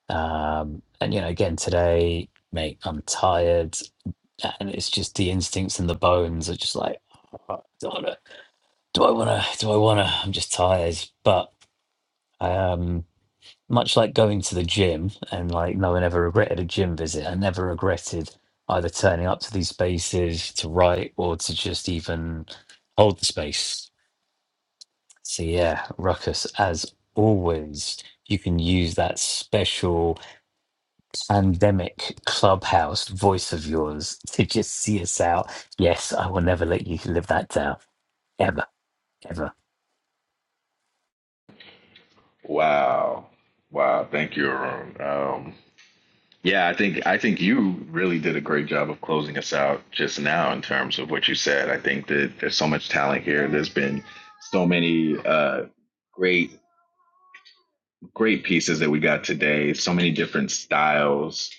Speaker 1: um and you know again today mate i'm tired and it's just the instincts and the bones are just like "Oh, do i want to do i want to i'm just tired but um much like going to the gym and like no one ever regretted a gym visit, I never regretted either turning up to these spaces to write or to just even hold the space. So yeah, Ruckus, as always, you can use that special pandemic clubhouse voice of yours to just see us out. Yes, I will never let you live that down. Ever, ever.
Speaker 3: Wow, wow. Thank you, Arun. Um, yeah, I think I think you really did a great job of closing us out just now in terms of what you said. I think that there's so much talent here. There's been so many uh, great great pieces that we got today, so many different styles.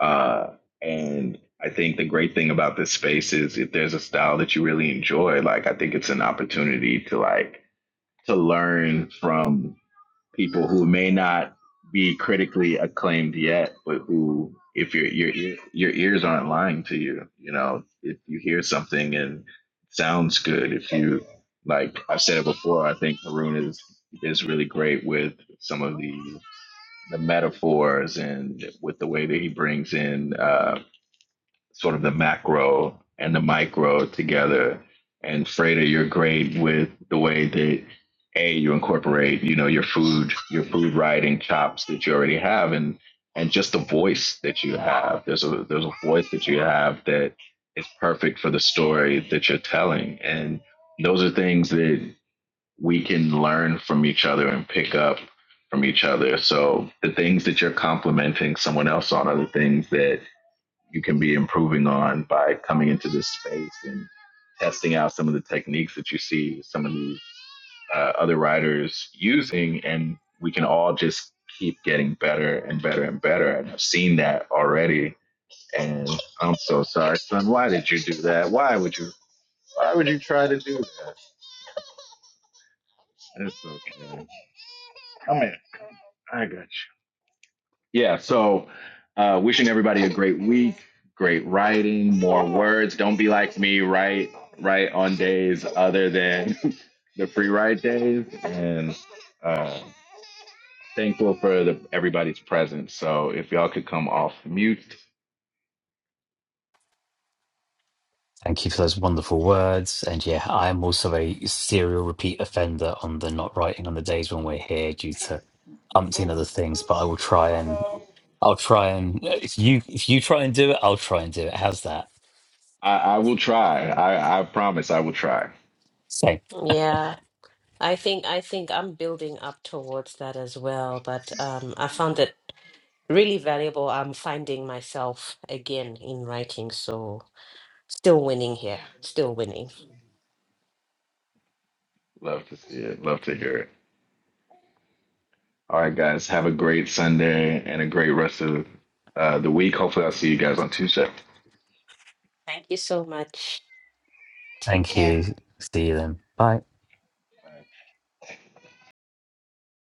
Speaker 3: Uh, and I think the great thing about this space is if there's a style that you really enjoy, like I think it's an opportunity to like to learn from people who may not be critically acclaimed yet, but who if your your ear- your ears aren't lying to you, you know, if you hear something and it sounds good, if you like I've said it before, I think Haroon is is really great with some of the the metaphors and with the way that he brings in uh, sort of the macro and the micro together. And Freda, you're great with the way that a you incorporate, you know, your food, your food writing chops that you already have, and and just the voice that you have. There's a there's a voice that you have that is perfect for the story that you're telling, and those are things that we can learn from each other and pick up from each other. So the things that you're complimenting someone else on are the things that you can be improving on by coming into this space and testing out some of the techniques that you see some of these uh, other writers using. And we can all just keep getting better and better and better. And I've seen that already. And I'm so sorry, son. Why did you do that? Why would you? Why would you try to do that? It's okay. Yeah. So, uh, wishing everybody a great week, great writing, more words. Don't be like me. Write, write on days other than the free ride days, and uh, thankful for the, everybody's presence. So, if y'all could come off mute,
Speaker 1: Thank you for those wonderful words. And yeah, I am also a serial repeat offender on the not writing on the days when we're here due to umpteen other things. But I will try and I'll try and if you if you try and do it, I'll try and do it. How's that?
Speaker 3: I, I will try. I, I promise, I will try.
Speaker 1: Same.
Speaker 2: Yeah, I think I think I'm building up towards that as well. But um, I found it really valuable. I'm finding myself again in writing, so still winning here, still winning.
Speaker 3: Love to see it. Love to hear it. All right, guys. Have a great Sunday and a great rest of uh, the week. Hopefully, I'll see you guys on Tuesday.
Speaker 2: Thank you so much. Take
Speaker 1: Thank
Speaker 2: care.
Speaker 1: you. See you then. Bye.